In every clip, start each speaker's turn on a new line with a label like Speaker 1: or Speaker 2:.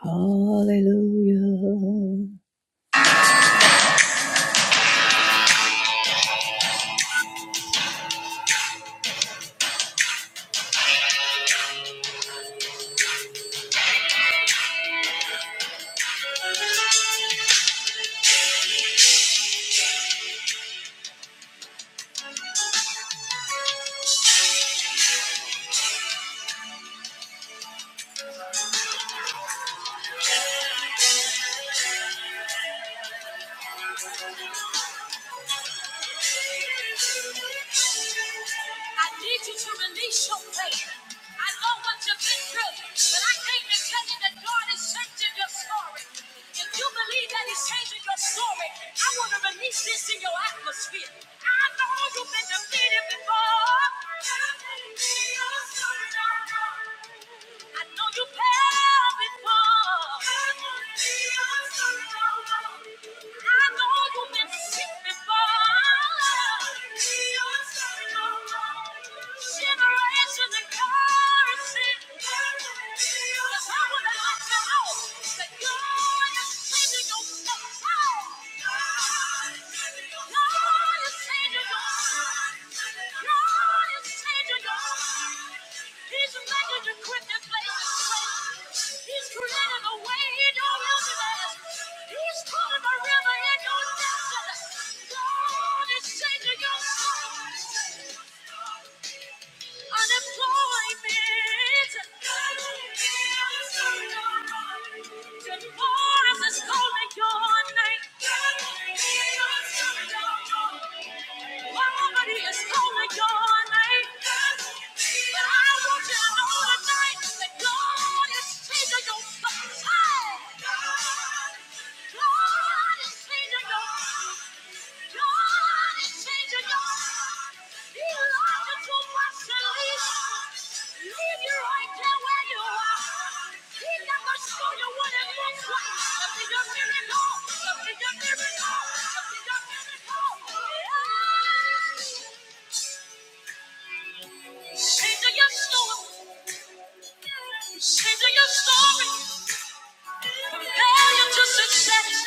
Speaker 1: Hallelujah. I need you to release your pain. I know what you've been through, but I came to tell you that God is changing your story. If you believe that He's changing your story, I want to release this in your atmosphere. I know you've been defeated before. I know you fell before. I know you've been sick before. Generations and curses. That's I would like to know that God is changing your soul. God is changing your soul. Your name. Nobody is calling your name. But I want you to know tonight that God is changing your soul. God is changing your God is changing your you like it too much to leave. Leave you right there where you are. He never showed you what it looks like. To be miracle, to be miracle, to be miracle. Yeah. Say your story. Say your story. From failure to success.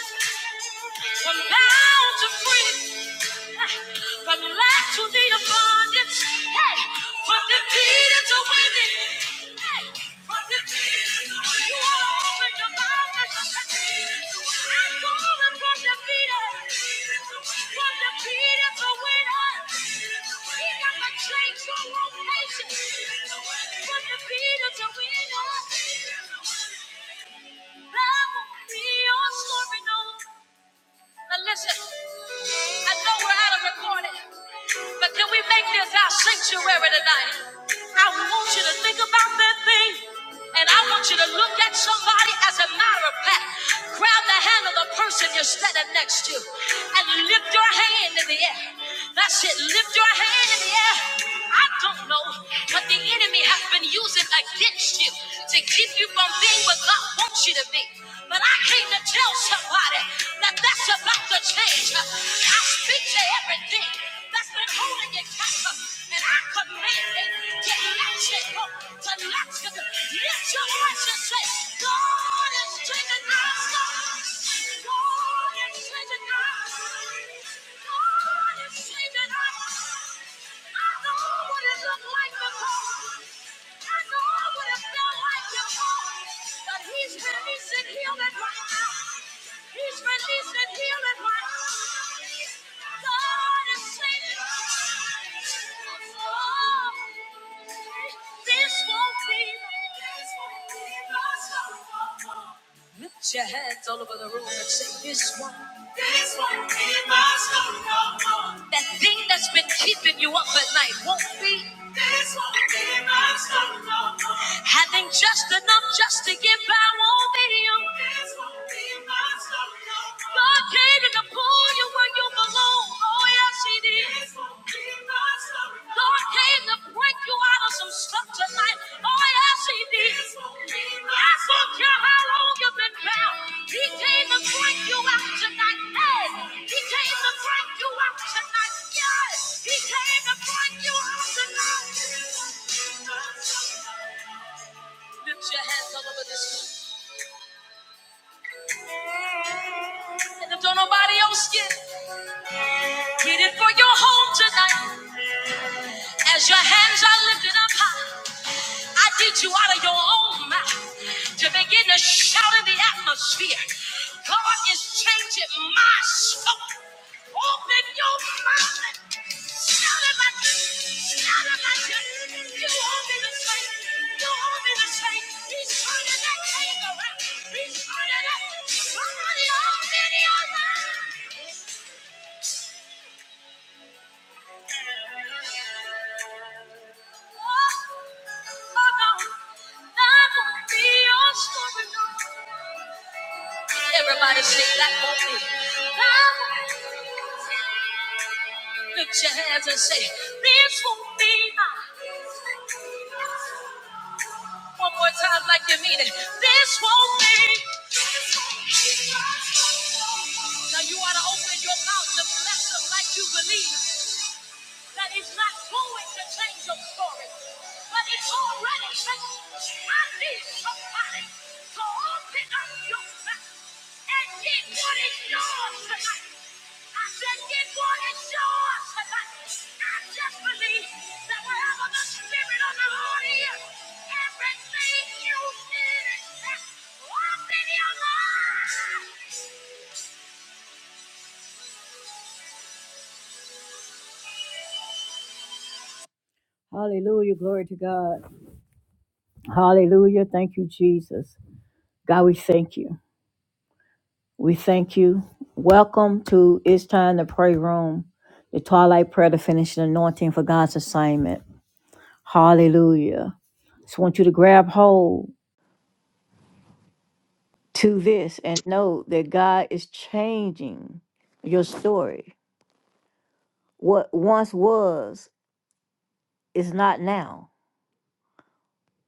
Speaker 1: From bound to free. From lack to the abundance. Hey, from defeated to winning. Hey, from defeated to winning. You are open your mouth and I'm calling from defeated. From defeated to winner. He got to change your location. From defeated to winner. That will be your story, no. Now listen, I know we're out of recording, but can we make this our sanctuary tonight? I want you to think about that thing, and I want you to look at somebody as a matter of fact. Grab the hand of the person you're standing next to, and lift your hand in the air. That's it, lift your hand in the air. I don't know what the enemy has been using against you to keep you from being with God wants you to be. But I came to tell somebody that that's about to change. I speak to everything that's been holding you captive, and I command it to let you go, to let you go. Lift your voice and say, God is changing us. God is changing us. God is changing us. I know what it looked like before. I know what it felt like before. But he's released and healed it right now. He's released and healed it right now. God is saving. us. Oh, this won't be- this won't be my song. Lift your hands all over the room and say this one no That thing that's been keeping you up at night won't be. no Having just enough just to get by won't be you. no God came to pull you where you belong. Oh yes, He did. Lord came to break you out of some stuff tonight. Oh, yes, he did. I don't care how long you've been bound. He came to break you out tonight. Hey, he came to break you out tonight. Yes, he came to break you out tonight. Lift your hands all over this room. And if don't nobody else get, get it for your home tonight. As your hands are lifted up high, I teach you out of your own mouth to begin to shout in the atmosphere. God is changing my soul. Open your mouth and shout it like you, shout it like you. You want me to say, you want me to say, he's turning that thing around. He's turning that. Somebody open your mouth. Everybody sing that with me. Lift your hands and say, This won't be my. One more time, like you mean it. This won't be. Now you ought to open your mouth to bless them like you believe. that is not going to change your story, but it's already changed. I need somebody to open up your mouth and get what is yours tonight. I said, get what is yours tonight. I just believe that wherever the Spirit of the Lord is, everything you need is locked in your life. Hallelujah. Glory to God. Hallelujah. Thank you, Jesus. God, we thank you. We thank you. Welcome to It's Time to Pray Room, the twilight prayer to finish the anointing for God's assignment. Hallelujah. Just want you to grab hold to this and know that God is changing your story. What once was is not now.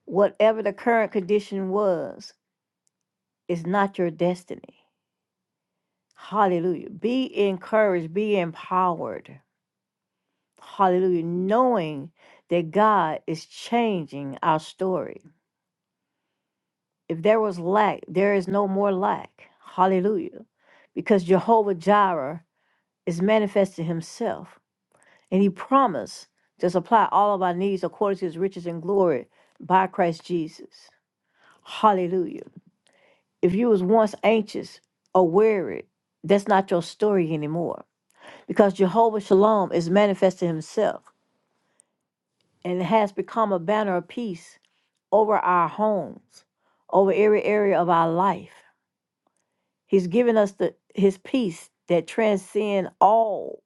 Speaker 1: Whatever the current condition was is not your destiny. Hallelujah. Be encouraged, be empowered Hallelujah. Knowing that God is changing our story. If there was lack, there is no more lack. Hallelujah. Because Jehovah Jireh is manifesting himself. And he promised to supply all of our needs according to his riches and glory by Christ Jesus. Hallelujah. If you was once anxious or worried, that's not your story anymore. Because Jehovah Shalom is manifesting himself and has become a banner of peace over our homes, over every area of our life. He's given us the his peace that transcends all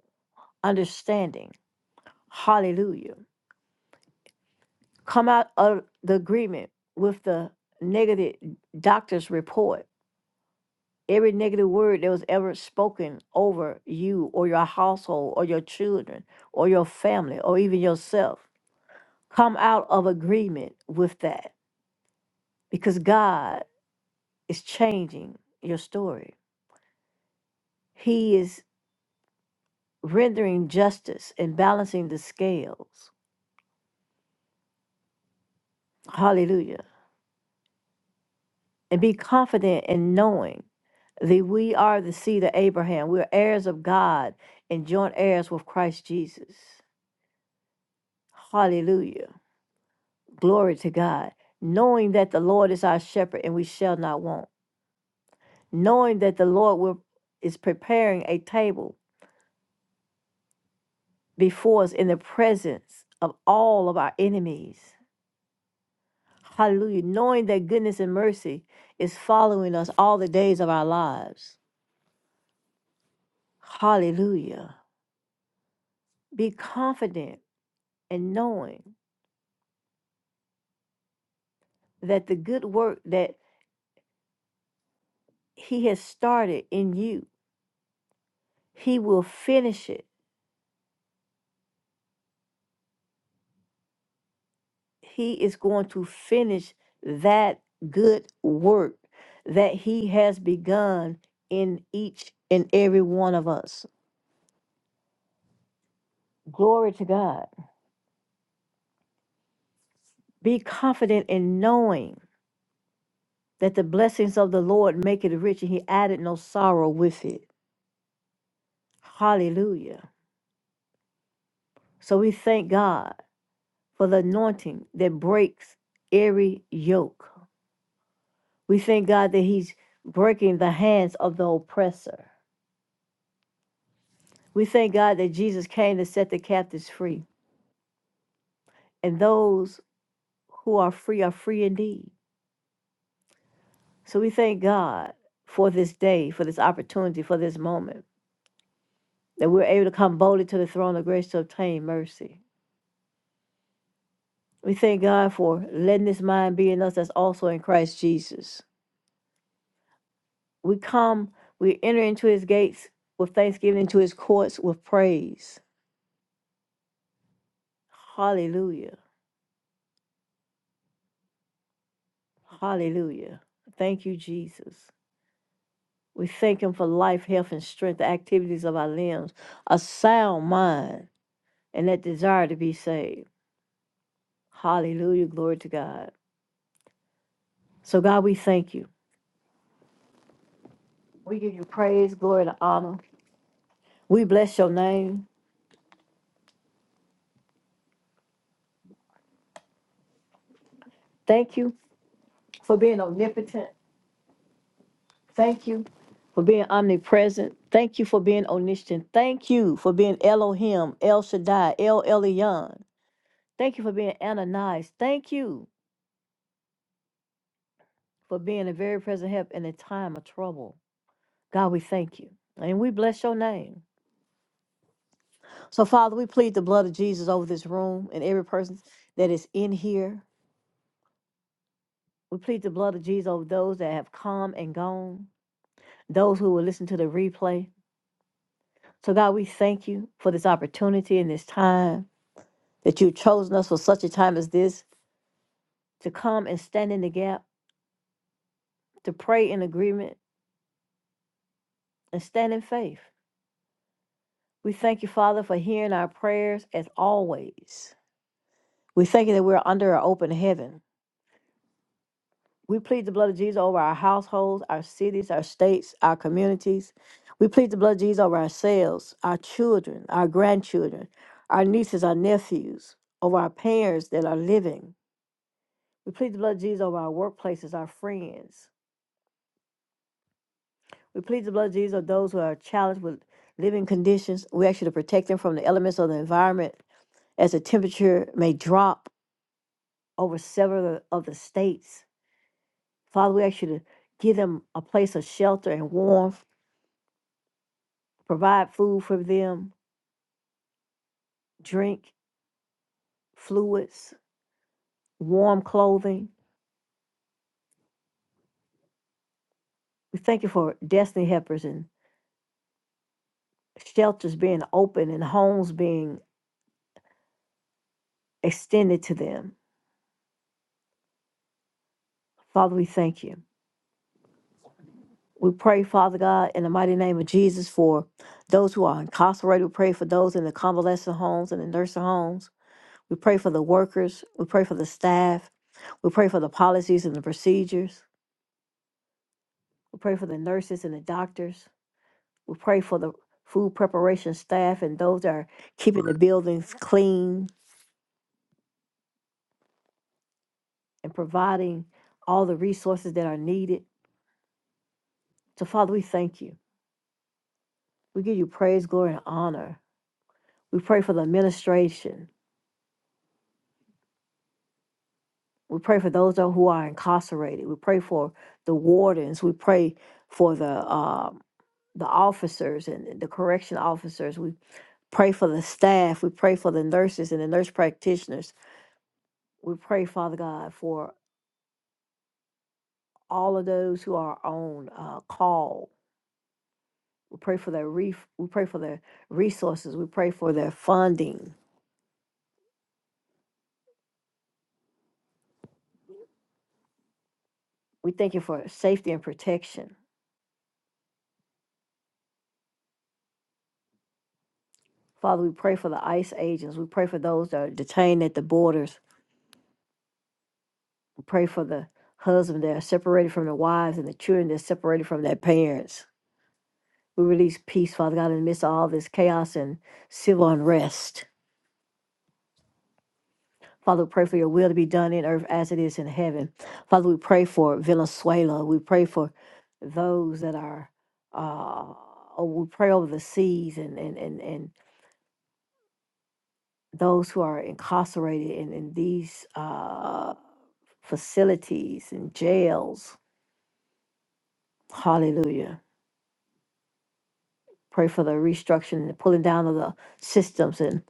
Speaker 1: understanding. Hallelujah. Come out of the agreement with the negative doctor's report. Every negative word that was ever spoken over you or your household or your children or your family or even yourself. Come out of agreement with that because God is changing your story. He is rendering justice and balancing the scales. Hallelujah. And be confident in knowing that we are the seed of Abraham. We're heirs of God and joint heirs with Christ Jesus. Hallelujah. Glory to God. Knowing that the Lord is our shepherd and we shall not want. Knowing that the Lord will, is preparing a table before us in the presence of all of our enemies. Hallelujah. Knowing that goodness and mercy is following us all the days of our lives. Hallelujah. Be confident and knowing that the good work that He has started in you, He will finish it. He is going to finish that good work that He has begun in each and every one of us. Glory to God. Be confident in knowing. that the blessings of the Lord make it rich, and he added no sorrow with it. Hallelujah. So we thank God for the anointing that breaks every yoke. We thank God that he's breaking the hands of the oppressor. We thank God that Jesus came to set the captives free, and those who are free are free indeed. So we thank God for this day, for this opportunity, for this moment, that we're able to come boldly to the throne of grace to obtain mercy. We thank God for letting this mind be in us that's also in Christ Jesus. We come, we enter into his gates with thanksgiving, into his courts with praise. Hallelujah. Hallelujah. Thank you, Jesus. We thank him for life, health, and strength, the activities of our limbs, a sound mind, and that desire to be saved. Hallelujah. Glory to God. So, God, we thank you. We give you praise, glory, and honor. We bless your name. Thank you for being omnipotent. Thank you for being omnipresent. Thank you for being omniscient. Thank you for being Elohim, El Shaddai, El Elyon. Thank you for being Ananias. Thank you for being a very present help in a time of trouble. God, we thank you. And we bless your name. So, Father, we plead the blood of Jesus over this room and every person that is in here. We plead the blood of Jesus over those that have come and gone, those who will listen to the replay. So, God, we thank you for this opportunity and this time. that you've chosen us for such a time as this to come and stand in the gap, to pray in agreement, and stand in faith. We thank you, Father, for hearing our prayers as always. We thank you that we're under an open heaven. We plead the blood of Jesus over our households, our cities, our states, our communities. We plead the blood of Jesus over ourselves, our children, our grandchildren, our nieces, our nephews, over our parents that are living. We plead the blood of Jesus over our workplaces, our friends. We plead the blood of Jesus on those who are challenged with living conditions. We ask you to protect them from the elements of the environment as the temperature may drop over several of the states. Father, we ask you to give them a place of shelter and warmth, provide food for them, drink, fluids, warm clothing. We thank you for destiny helpers and shelters being open and homes being extended to them. Father, we thank you. We pray, Father God, in the mighty name of Jesus for those who are incarcerated. We pray for those in the convalescent homes and the nursing homes. We pray for the workers. We pray for the staff. We pray for the policies and the procedures. We pray for the nurses and the doctors. We pray for the food preparation staff and those that are keeping the buildings clean and providing all the resources that are needed. So, Father, we thank you. We give you praise, glory, and honor. We pray for the administration. We pray for those tho- who are incarcerated. We pray for the wardens. We pray for the um, the officers and the correction officers. We pray for the staff. We pray for the nurses and the nurse practitioners. We pray, Father God, for all of those who are on uh, call. We pray for their ref- we pray for their resources. We pray for their funding. We thank you for safety and protection. Father, we pray for the ICE agents. We pray for those that are detained at the borders. Pray for the husbands that are separated from the wives and the children that are separated from their parents. We release peace, Father God, in the midst of all this chaos and civil unrest. Father, we pray for your will to be done in earth as it is in heaven. Father, we pray for Venezuela. We pray for those that are, uh, oh, we pray over the seas and, and, and, and those who are incarcerated in, in these uh, facilities and jails. Hallelujah. Pray for the restructuring and the pulling down of the systems and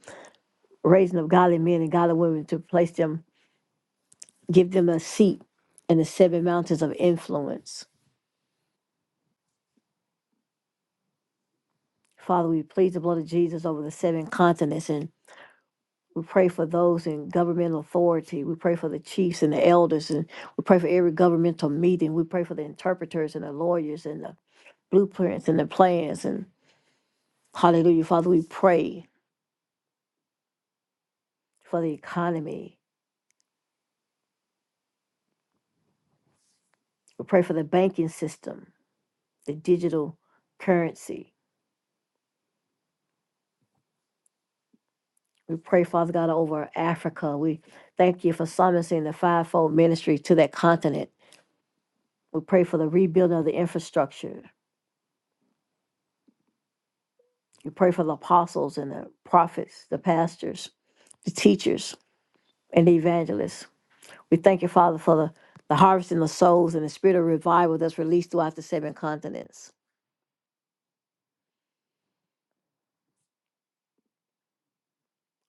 Speaker 1: raising of godly men and godly women to place them, give them a seat in the seven mountains of influence. Father, we plead the blood of Jesus over the seven continents and we pray for those in governmental authority. We pray for the chiefs and the elders and we pray for every governmental meeting. We pray for the interpreters and the lawyers and the blueprints and the plans and hallelujah. Father, we pray for the economy. We pray for the banking system. the digital currency. We pray, Father God, over Africa. We thank you for summoning the fivefold ministry to that continent. We pray for the rebuilding of the infrastructure. We pray for the apostles and the prophets, the pastors, the teachers, and the evangelists. We thank you, Father, for the, the harvest in the souls and the spirit of revival that's released throughout the seven continents.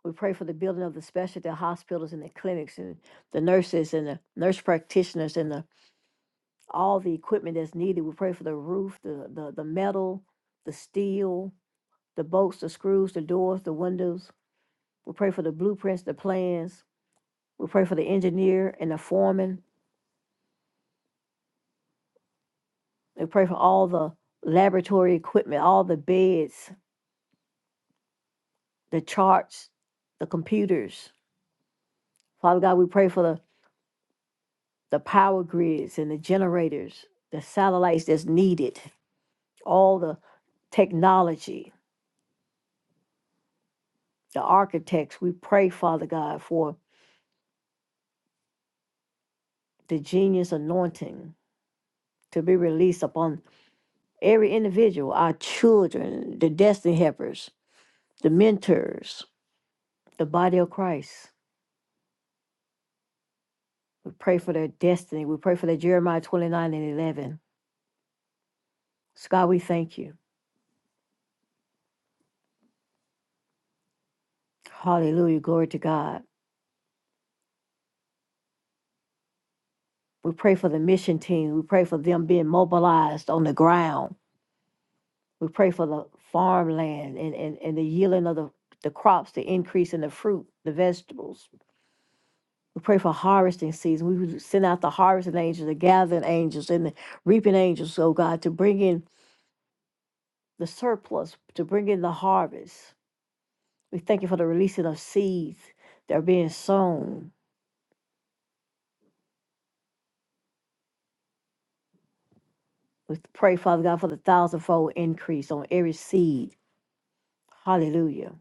Speaker 1: We pray for the building of the specialty hospitals and the clinics and the nurses and the nurse practitioners and the all the equipment that's needed. We pray for the roof, the, the, the metal, the steel, the bolts, the screws, the doors, the windows. We pray for the blueprints, the plans. We pray for the engineer and the foreman. We pray for all the laboratory equipment, all the beds, the charts, the computers. Father God, we pray for the, the power grids and the generators, the satellites that's needed, all the technology, the architects. We pray, Father God, for the genius anointing to be released upon every individual, our children, the destiny helpers, the mentors, the body of Christ. We pray for their destiny. We pray for their Jeremiah 29 and 11. So God, we thank you. Hallelujah. Glory to God. We pray for the mission team. We pray for them being mobilized on the ground. We pray for the farmland and, and, and the yielding of the, the crops, the increase in the fruit, the vegetables. We pray for harvesting season. We would send out the harvesting angels, the gathering angels, and the reaping angels, oh God, to bring in the surplus, to bring in the harvest. We thank you for the releasing of seeds that are being sown. We pray, Father God, for the thousandfold increase on every seed. Hallelujah.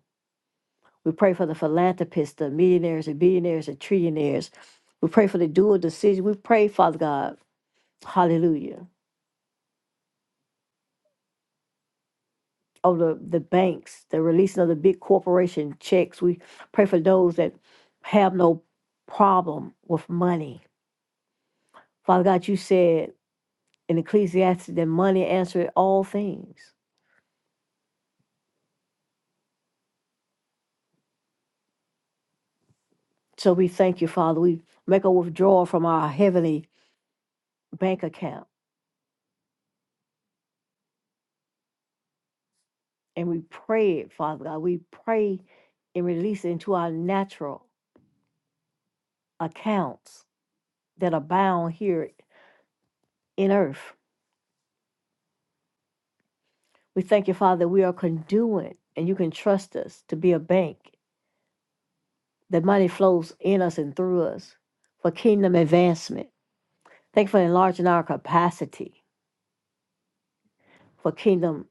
Speaker 1: We pray for the philanthropists, the millionaires, the billionaires, and trillionaires. We pray for the dual decision. We pray, Father God. Hallelujah of the, the banks, the releasing of the big corporation checks. We pray for those that have no problem with money. Father God, you said in Ecclesiastes that money answered all things. So we thank you, Father. We make a withdrawal from our heavenly bank account and we pray it, Father God. We pray and release it into our natural accounts that are bound here in earth. We thank you, Father, that we are conduit and you can trust us to be a bank The money flows in us and through us for kingdom advancement. Thank you for enlarging our capacity for kingdom.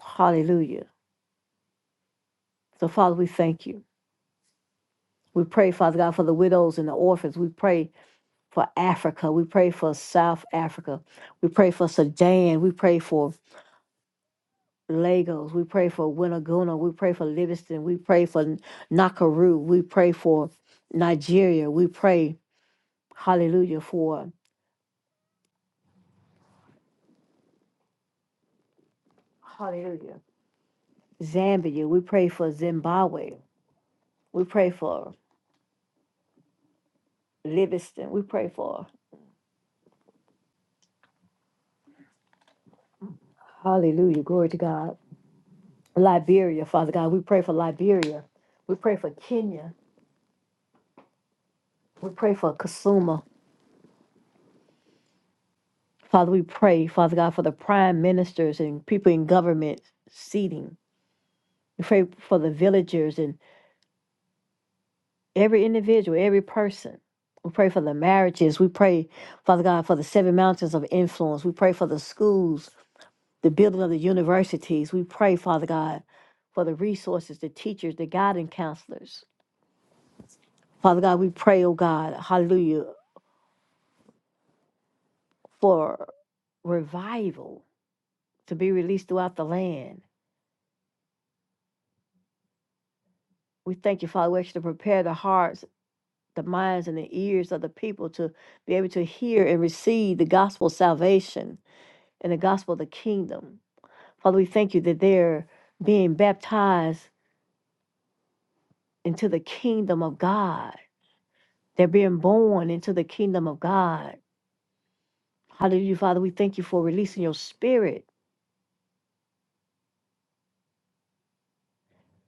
Speaker 1: Hallelujah. So, Father, we thank you. We pray, Father God, for the widows and the orphans. We pray for Africa. We pray for South Africa. We pray for Sudan. We pray for Lagos. We pray for Winaguna. We pray for Livingston. We pray for Nakuru. We pray for Nigeria. We pray, hallelujah, for Hallelujah. Zambia. We pray for Zimbabwe. We pray for Livingston. We pray for, hallelujah, glory to God. Liberia, Father God. We pray for Liberia. We pray for Kenya. We pray for Kasuma. Father, we pray, Father God, for the prime ministers and people in government seating. We pray for the villagers and every individual, every person. We pray for the marriages. We pray, Father God, for the seven mountains of influence. We pray for the schools. the building of the universities. We pray, Father God, for the resources, the teachers, the guidance counselors. Father God, we pray, oh God, hallelujah, for revival to be released throughout the land. We thank you, Father, we ask you to prepare the hearts, the minds, and the ears of the people to be able to hear and receive the gospel of salvation and the gospel of the kingdom. Father, we thank you that they're being baptized into the kingdom of God. They're being born into the kingdom of God. Hallelujah, Father. We thank you for releasing your spirit.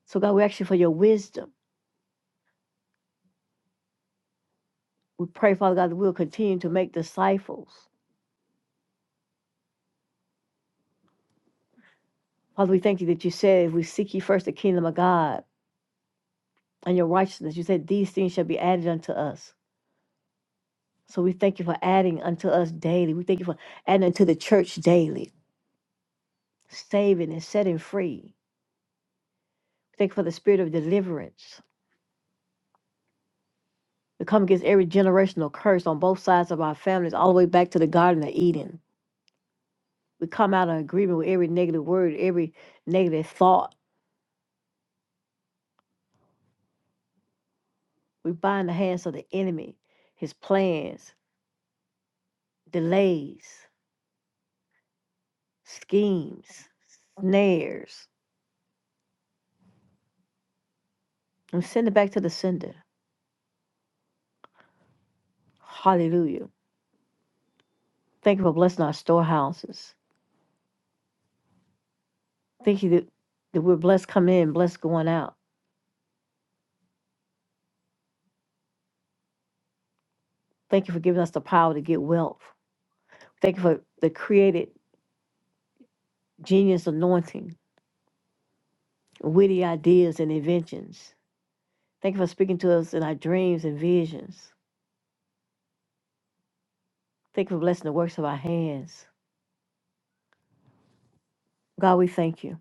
Speaker 1: So, God, we ask you for your wisdom. We pray, Father God, that we'll continue to make disciples. Father, we thank you that you said, if we seek you first the kingdom of God and your righteousness, you said these things shall be added unto us. So we thank you for adding unto us daily. We thank you for adding unto the church daily, saving and setting free. We thank you for the spirit of deliverance. We come against every generational curse on both sides of our families, all the way back to the Garden of Eden. we come out of agreement with every negative word, every negative thought. We bind the hands of the enemy, his plans, delays, schemes, snares, and send it back to the sender. Hallelujah. Thank you for blessing our storehouses. Thank you that, that we're blessed coming in, blessed going out. Thank you for giving us the power to get wealth. Thank you for the creative genius anointing, witty ideas and inventions. Thank you for speaking to us in our dreams and visions. Thank you for blessing the works of our hands. God, we thank you.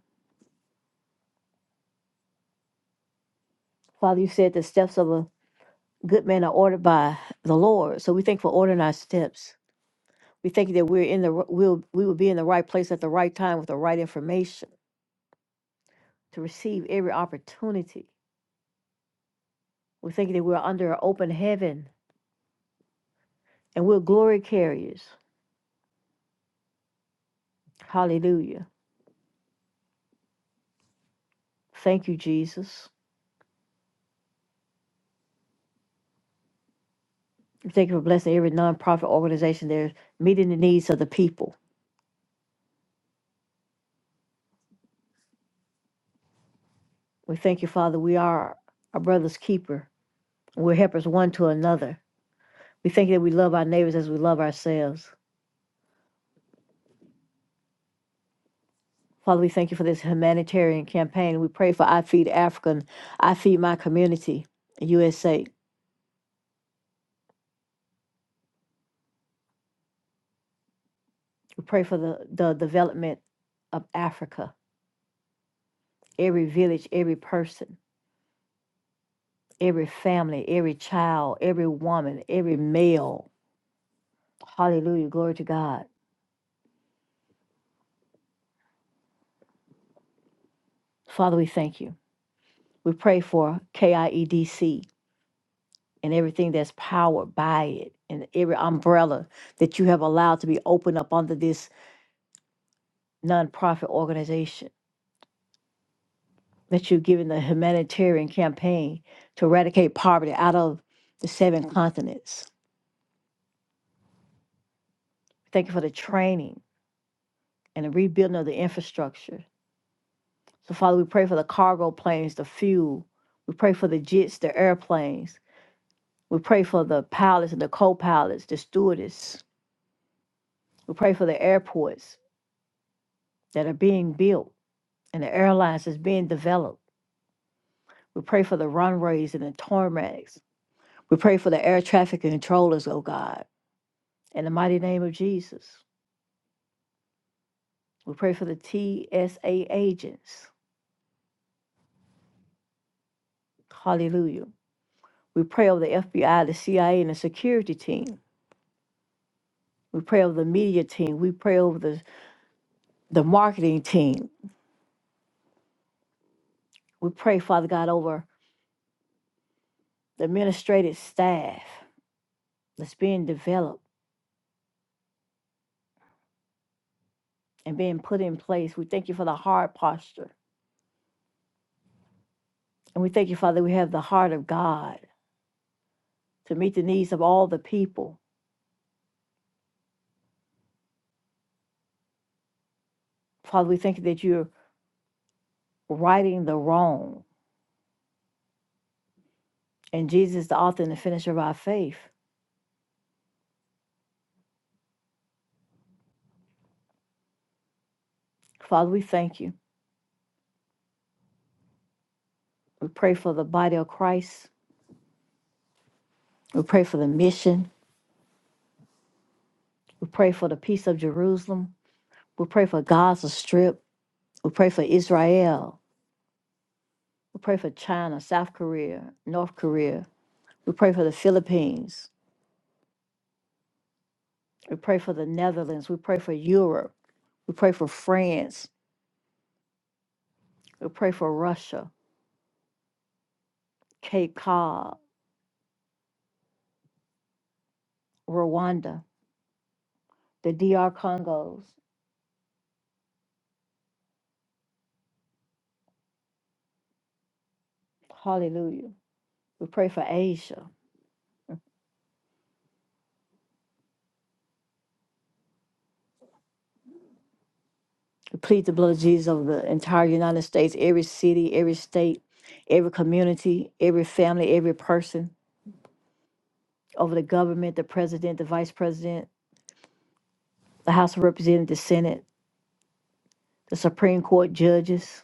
Speaker 1: Father, you said the steps of a good man are ordered by the Lord. So we thank you for ordering our steps. We thank you that we're in the r- we'll we will be in the right place at the right time with the right information to receive every opportunity. We thank you that we're under an open heaven and we're glory carriers. Hallelujah. Thank you, Jesus. We thank you for blessing every nonprofit organization there meeting the needs of the people. We thank you, Father. We are our brother's keeper. We're helpers one to another. We thank you that we love our neighbors as we love ourselves. Father, we thank you for this humanitarian campaign. We pray for I Feed Africa and I Feed My Community, USA. We pray for the, the development of Africa, every village, every person, every family, every child, every woman, every male. Hallelujah. Glory to God. Father, we thank you. We pray for KIEDC and everything that's powered by it and every umbrella that you have allowed to be opened up under this nonprofit organization that you've given the humanitarian campaign to eradicate poverty out of the seven continents. Thank you for the training and the rebuilding of the infrastructure. So, Father, we pray for the cargo planes, the fuel. We pray for the jets, the airplanes. We pray for the pilots and the co pilots, the stewardess. We pray for the airports that are being built and the airlines is being developed. We pray for the runways and the tarmacs. We pray for the air traffic controllers, oh God, in the mighty name of Jesus. We pray for the TSA agents. Hallelujah. We pray over the FBI, the CIA, and the security team. We pray over the media team. We pray over the, the marketing team. We pray, Father God, over the administrative staff that's being developed and being put in place. We thank you for the hard posture. And we thank you, Father, we have the heart of God to meet the needs of all the people. Father, we thank you that you're righting the wrong. And Jesus is the author and the finisher of our faith. Father, we thank you. We pray for the body of Christ. We pray for the mission. We pray for the peace of Jerusalem. We pray for Gaza Strip. We pray for Israel. We pray for China, South Korea, North Korea. We pray for the Philippines. We pray for the Netherlands. We pray for Europe. We pray for France. We pray for Russia, Cape Cod, Rwanda, the D.R. Congos. Hallelujah. We pray for Asia. We plead the blood of Jesus over the entire United States, every city, every state, every community, every family, every person, over the government, the president, the vice president, the House of Representatives, the Senate, the Supreme Court judges,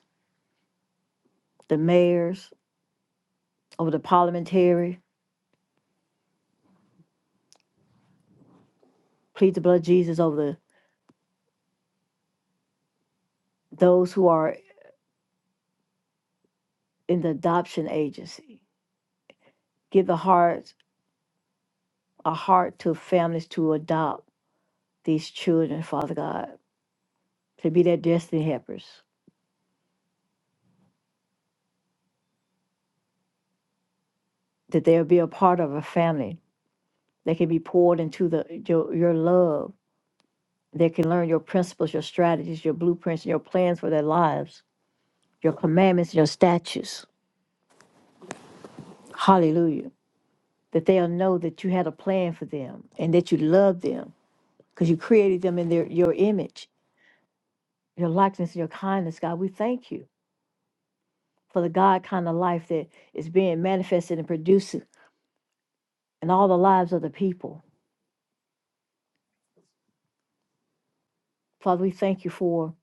Speaker 1: the mayors, over the parliamentary. Plead the blood of Jesus over the, those who are in the adoption agency. Give the hearts a heart to families to adopt these children, Father God, to be their destiny helpers, that they'll be a part of a family. They can be poured into the your, your love. They can learn your principles, your strategies, your blueprints, and your plans for their lives, your commandments, and your statutes. Hallelujah. That they'll know that you had a plan for them and that you love them because you created them in their your image, your likeness, and your kindness, God. We thank you for the God kind of life that is being manifested and produced in all the lives of the people. Father, we thank you for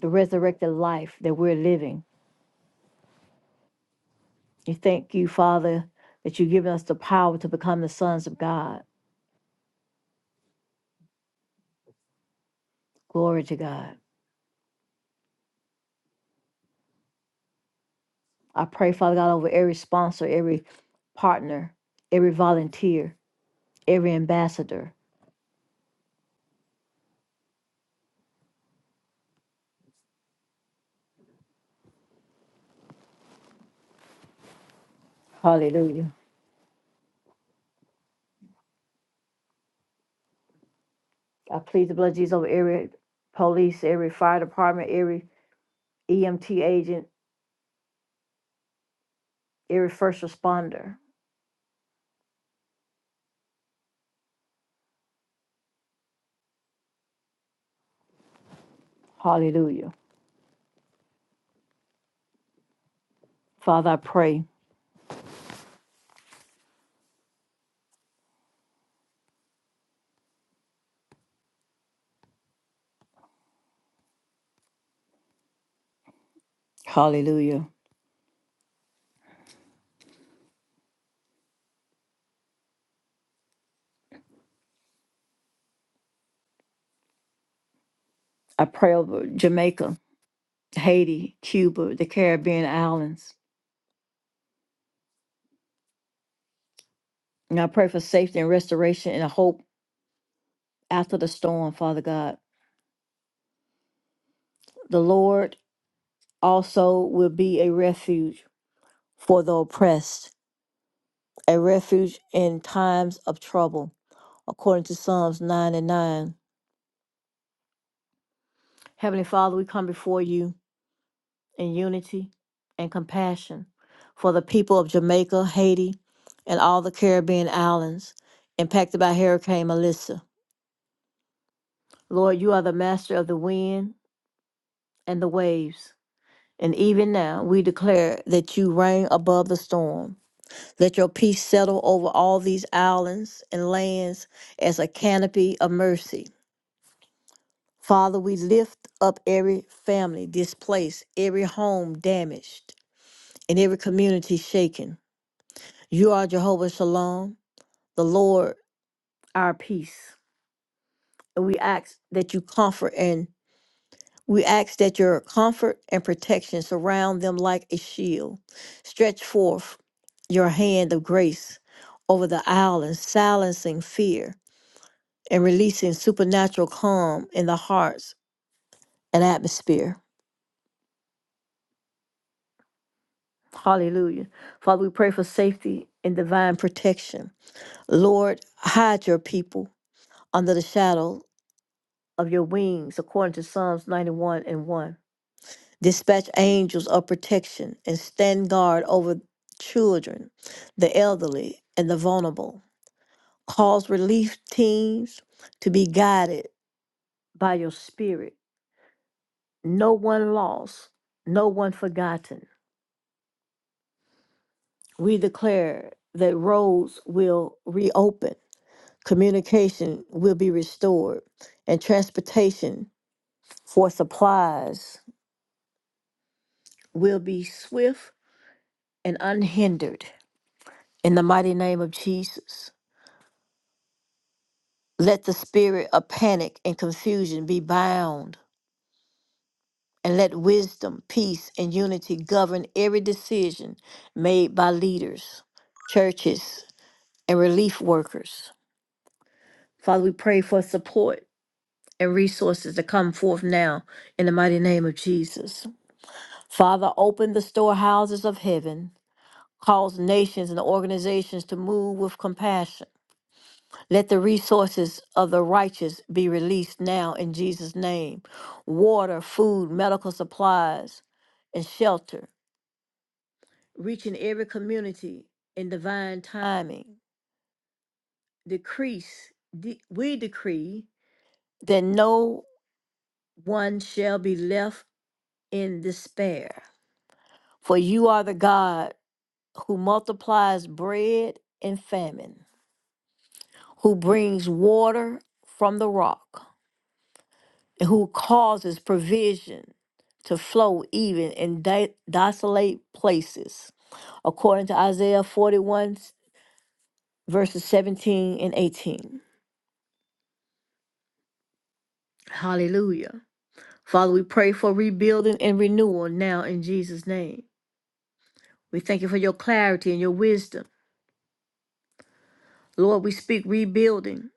Speaker 1: the resurrected life that we're living. We thank you, Father, that you've given us the power to become the sons of God. Glory to God. I pray, Father God, over every sponsor, every partner, every volunteer, every ambassador. Hallelujah. I plead the blood of Jesus over every police, every fire department, every EMT agent, every first responder. Hallelujah. Father, I pray. Hallelujah. I pray over Jamaica. Haiti, Cuba, the Caribbean islands. And I pray for safety and restoration and a hope after the storm, Father God. The Lord also will be a refuge for the oppressed, a refuge in times of trouble, according to Psalms 9 and 9. Heavenly Father, we come before you in unity and compassion for the people of Jamaica, Haiti, and all the Caribbean islands impacted by Hurricane Melissa. Lord, you are the master of the wind and the waves. And even now we declare that you reign above the storm. Let your peace settle over all these islands and lands as a canopy of mercy. Father, we lift up every family displaced, every home damaged, and every community shaken. You are Jehovah Shalom, the Lord our peace. And we ask that you comfort and We ask that your comfort and protection surround them like a shield. Stretch forth your hand of grace over the island, silencing fear and releasing supernatural calm in the hearts and atmosphere. Hallelujah. Father, we pray for safety and divine protection. Lord, hide your people under the shadow of your wings, according to Psalms 91 and 1. Dispatch angels of protection and stand guard over children, the elderly, and the vulnerable. Cause relief teams to be guided by your spirit. No one lost, no one forgotten. We declare that roads will reopen, communication will be restored, and transportation for supplies will be swift and unhindered. In the mighty name of Jesus. Let the spirit of panic and confusion be bound, and let wisdom, peace, and unity govern every decision made by leaders, churches, and relief workers. Father, we pray for support and resources to come forth now in the mighty name of Jesus. Father, open the storehouses of heaven, cause nations and organizations to move with compassion Let the resources of the righteous be released now in Jesus' name water, food, medical supplies, and shelter, reaching every community in divine timing. Decrease, de- we decree that no one shall be left in despair. For you are the God who multiplies bread in famine, who brings water from the rock. who causes provision to flow even in di- desolate places, according to Isaiah 41, verses 17 and 18. Hallelujah. Father, we pray for rebuilding and renewal now in Jesus' name. We thank you for your clarity and your wisdom. Lord, we speak rebuilding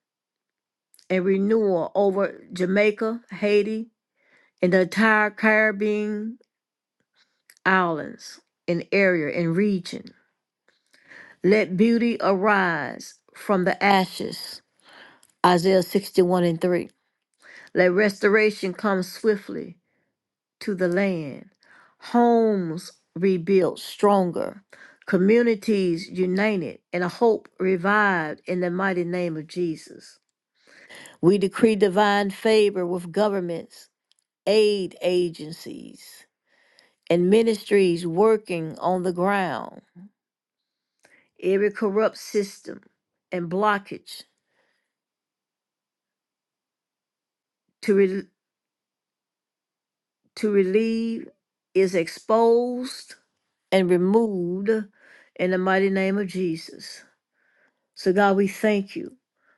Speaker 1: and renewal over Jamaica, Haiti, and the entire Caribbean islands and area and region. Let beauty arise from the ashes. Isaiah 61 and 3. Let restoration come swiftly to the land. Homes rebuilt stronger. Communities united and a hope revived in the mighty name of Jesus. We decree divine favor with governments, aid agencies, and ministries working on the ground. Every corrupt system and blockage to. re- to relieve is exposed and removed in the mighty name of Jesus. So, God, we thank you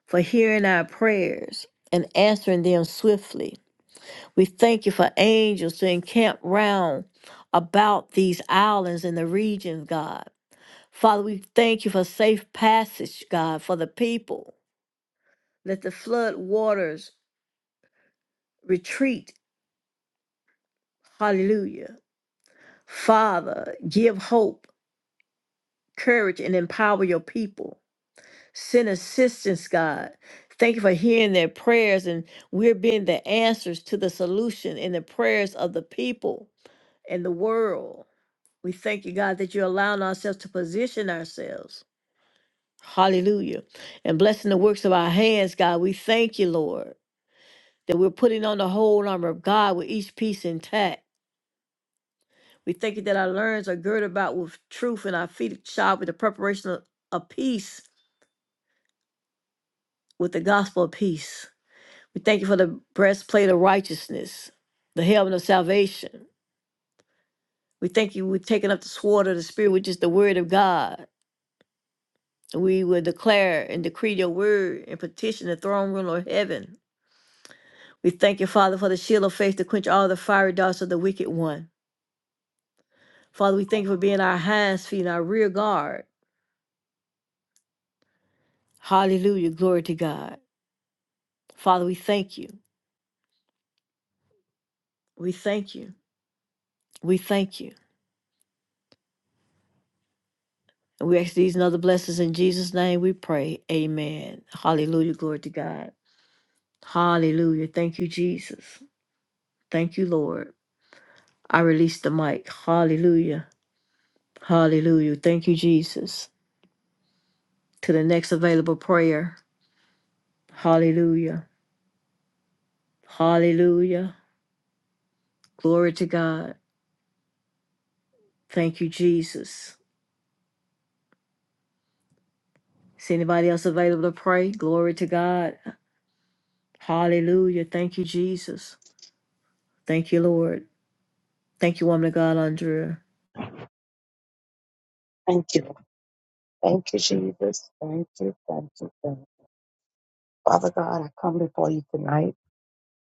Speaker 1: for hearing our prayers and answering them swiftly. We thank you for angels to encamp round about these islands in the region, God. Father, we thank you for safe passage, God, for the people. Let the flood waters retreat. Hallelujah. Father, give hope courage and empower your people. Send assistance, God. Thank you for hearing their prayers, and we're being the answers to the solution in the prayers of the people and the world. We thank you, God, that you're allowing ourselves to position ourselves. Hallelujah. And blessing the works of our hands, God. We thank you, Lord, that we're putting on the whole armor of God with each piece intact. We thank you that our loins are girded about with truth and our feet shod with the preparation of, of peace. with the gospel of peace. We thank you for the breastplate of righteousness, the helmet of salvation. We thank you we've taken up the sword of the Spirit, which is the word of God. We will declare and decree your word and petition the throne room of heaven. We thank you, Father, for the shield of faith to quench all the fiery darts of the wicked one. Father, we thank you for being our hands, feet, and our rear guard. Hallelujah. Glory to God. Father, we thank you. We thank you. We thank you. And we ask these and other blessings in Jesus' name we pray. Amen. Hallelujah. Glory to God. Hallelujah. Thank you, Jesus. Thank you, Lord. I release the mic. Hallelujah. Hallelujah. Thank you, Jesus. To the next available prayer. Hallelujah. Hallelujah. Glory to God. Thank you, Jesus. Is anybody else available to pray? Glory to God. Hallelujah. Thank you, Jesus. Thank you, Lord. Thank you, woman of God, Andrea.
Speaker 2: Thank you. Thank you, Jesus. Thank you. Thank you. Thank you. Father God, I come before you tonight.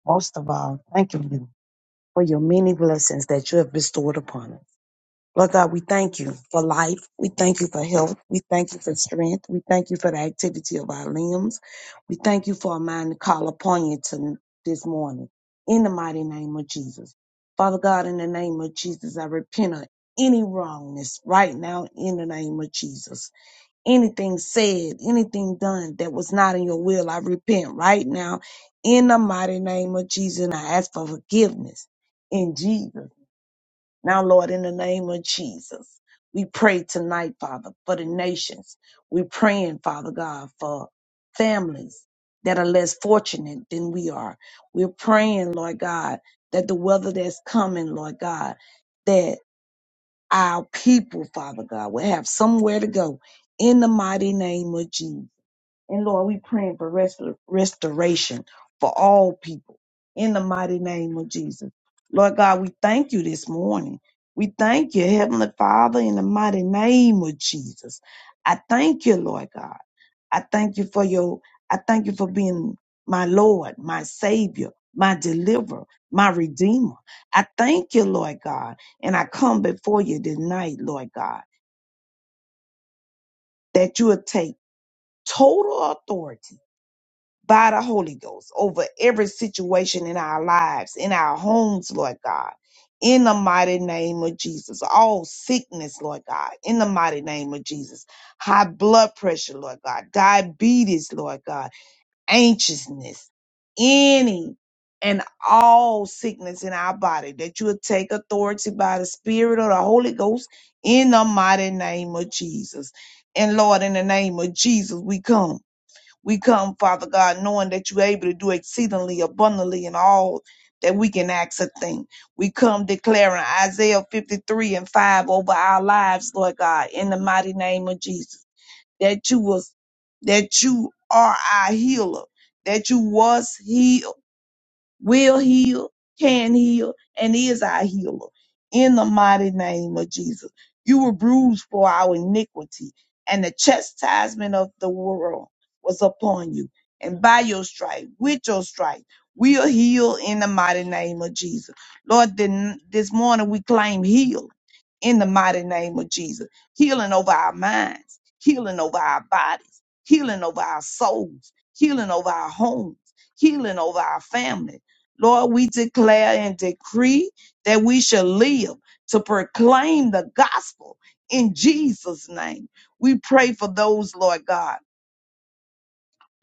Speaker 2: Most of all, thank you for your many blessings that you have bestowed upon us. Lord God, we thank you for life. We thank you for health. We thank you for strength. We thank you for the activity of our limbs. We thank you for a mind to call upon you to this morning. In the mighty name of Jesus. Father God, in the name of Jesus, I repent of any wrongness right now in the name of Jesus. anything said, anything done that was not in your will, I repent right now in the mighty name of Jesus and I ask for forgiveness in Jesus. Now, Lord, in the name of Jesus, we pray tonight, Father, for the nations. We're praying, Father God, for families that are less fortunate than we are. We're praying, Lord God, that the weather that's coming, Lord God, our people, Father God, will have somewhere to go in the mighty name of Jesus. And Lord, we praying for rest- restoration for all people in the mighty name of Jesus. Lord God, we thank you this morning. We thank you, Heavenly Father, in the mighty name of Jesus. I thank you, Lord God. I thank you for your, I thank you for being my Lord, my Savior, my deliverer, my Redeemer. I thank you, Lord God. And I come before you tonight, Lord God, that you will take total authority by the Holy Ghost over every situation in our lives, in our homes, Lord God. In the mighty name of Jesus, all sickness, Lord God, in the mighty name of Jesus, high blood pressure, Lord God, diabetes, Lord God anxiousness, any and all sickness in our body, that you would take authority by the Spirit of the Holy Ghost in the mighty name of Jesus. And Lord, in the name of Jesus, we come. We come, Father God, knowing that you're able to do exceedingly abundantly in all that we can ask a thing. We come declaring Isaiah 53 and 5 over our lives, Lord God, in the mighty name of Jesus that you was that you are our healer, that you was healed will heal, can heal, and is our healer. In the mighty name of Jesus, you were bruised for our iniquity, and the chastisement of the world was upon you. And by your stripe, with your stripe, we are healed in the mighty name of Jesus. Lord, then this morning we claim heal in the mighty name of Jesus. Healing over our minds, healing over our bodies, healing over our souls, healing over our homes, healing over our families Lord, we declare and decree that we shall live to proclaim the gospel in Jesus' name. We pray for those, Lord God,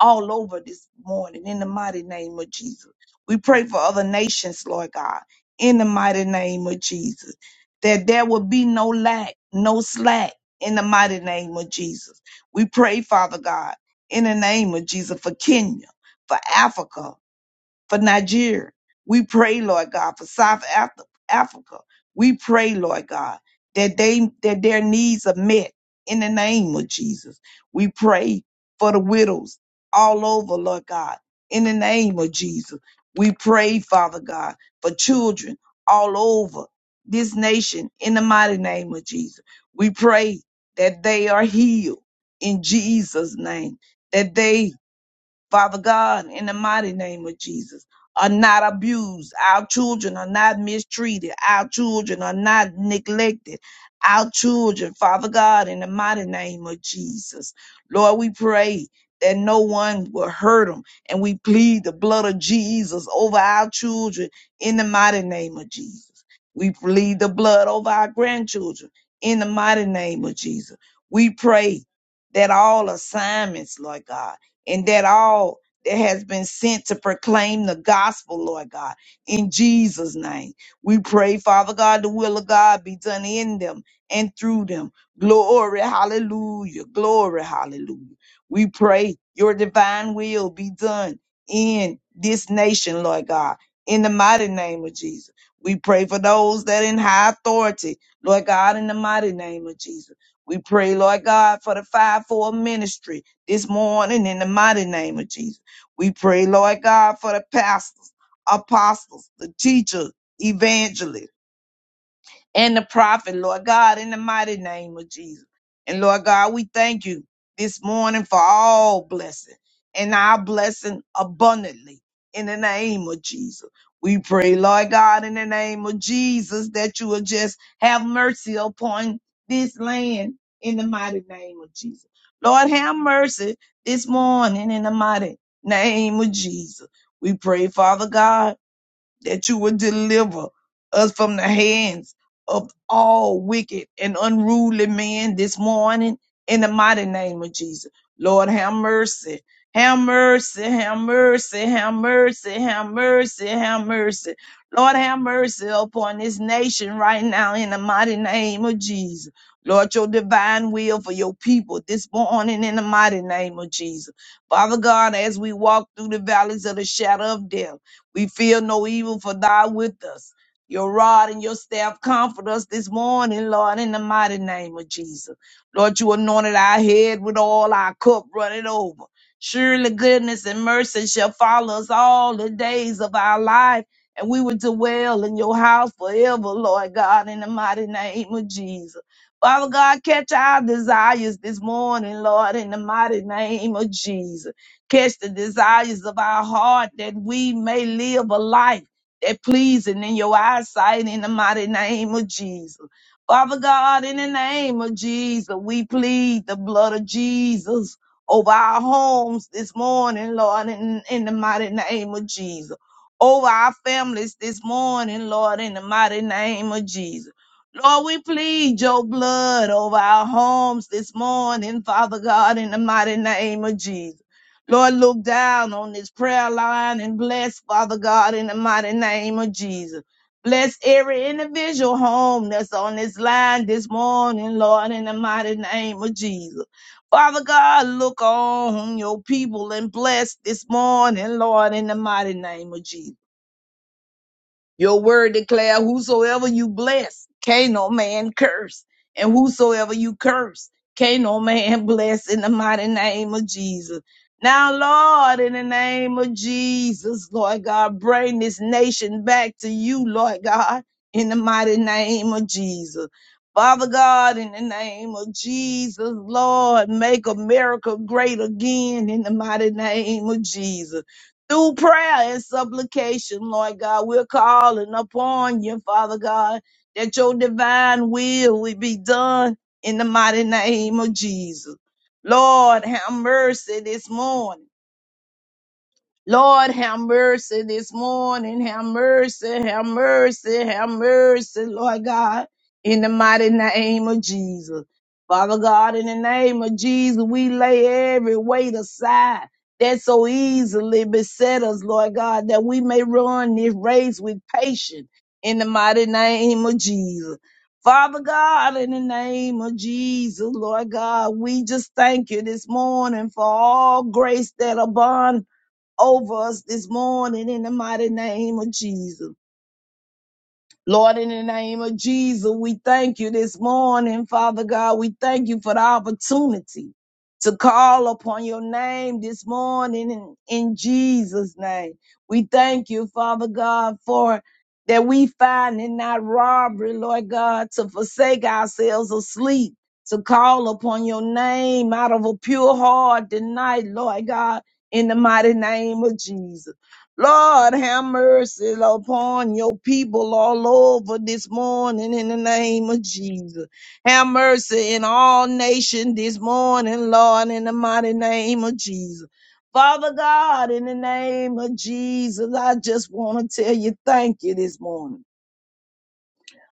Speaker 2: all over this morning in the mighty name of Jesus. We pray for other nations, Lord God, in the mighty name of Jesus, that there will be no lack, no slack in the mighty name of Jesus. We pray, Father God, in the name of Jesus, for Kenya, for Africa, for Nigeria. We pray, Lord God, for South Af- Africa. We pray, Lord God, that they that their needs are met in the name of Jesus. We pray for the widows all over, Lord God, in the name of Jesus. We pray, Father God, for children all over this nation in the mighty name of Jesus. We pray that they are healed in Jesus' name, that they Father God, in the mighty name of Jesus, are not abused. Our children are not mistreated. Our children are not neglected. Our children, Father God, in the mighty name of Jesus. Lord, we pray that no one will hurt them. And we plead the blood of Jesus over our children in the mighty name of Jesus. We plead the blood over our grandchildren in the mighty name of Jesus. We pray that all assignments, Lord God, and that all that has been sent to proclaim the gospel, Lord God, in Jesus' name. We pray, Father God, the will of God be done in them and through them. Glory, hallelujah. Glory, hallelujah. We pray your divine will be done in this nation, Lord God, in the mighty name of Jesus. We pray for those that in high authority, Lord God, in the mighty name of Jesus. We pray, Lord God, for the fivefold ministry this morning in the mighty name of Jesus. We pray, Lord God, for the pastors, apostles, the teachers, evangelists and the prophet, Lord God, in the mighty name of Jesus. And Lord God, we thank you this morning for all blessing and our blessing abundantly in the name of Jesus. We pray, Lord God, in the name of Jesus, that you will just have mercy upon this land in the mighty name of Jesus. Lord, have mercy this morning in the mighty name of Jesus. We pray, Father God that you would deliver us from the hands of all wicked and unruly men this morning in the mighty name of Jesus. Lord, have mercy. Have mercy, have mercy, have mercy, have mercy, have mercy. Lord, have mercy upon this nation right now in the mighty name of Jesus. Lord, your divine will for your people this morning in the mighty name of Jesus. Father God, as we walk through the valleys of the shadow of death, we fear no evil, for thou with us. Your rod and your staff comfort us this morning, Lord, in the mighty name of Jesus. Lord, you anointed our head with all our cup running over. Surely goodness and mercy shall follow us all the days of our life, and we will dwell in your house forever, Lord God, in the mighty name of Jesus. Father God, catch our desires this morning, Lord, in the mighty name of Jesus. Catch the desires of our heart that we may live a life that pleasing in your eyesight in the mighty name of Jesus. Father God, in the name of Jesus, we plead the blood of Jesus over our homes this morning, Lord, in, in the mighty name of Jesus. Over our families this morning, Lord, in the mighty name of Jesus. Lord, we plead your blood over our homes this morning, Father God, in the mighty name of Jesus. Lord, look down on this prayer line and bless, Father God, in the mighty name of Jesus. Bless every individual home that's on this line this morning, Lord, in the mighty name of Jesus. Father God, look on your people and bless this morning, Lord, in the mighty name of Jesus. Your word declare whosoever you bless, can no man curse. And whosoever you curse, can no man bless in the mighty name of Jesus. Now, Lord, in the name of Jesus, Lord God, bring this nation back to you, Lord God, in the mighty name of Jesus. Father God, in the name of Jesus, Lord, make America great again in the mighty name of Jesus through prayer and supplication, Lord God. We're calling upon you, Father God, that your divine will will be done in the mighty name of Jesus. Lord, have mercy this morning. Lord, have mercy this morning. Have mercy, have mercy, have mercy, Lord God, in the mighty name of Jesus. Father God, in the name of Jesus, we lay every weight aside that so easily beset us, Lord God, that we may run this race with patience in the mighty name of Jesus. Father God, in the name of Jesus, Lord God, we just thank you this morning for all grace that abound over us this morning in the mighty name of Jesus. Lord, in the name of Jesus, we thank you this morning, Father God. We thank you for the opportunity to call upon your name this morning in, in Jesus' name. We thank you, Father God, for that we find in that robbery, Lord God, to forsake ourselves of sleep, to call upon your name out of a pure heart tonight, Lord God, in the mighty name of Jesus. Lord, have mercy upon your people all over this morning in the name of Jesus. Have mercy in all nations this morning, Lord, in the mighty name of Jesus. Father God, in the name of Jesus, I just want to tell you thank you this morning.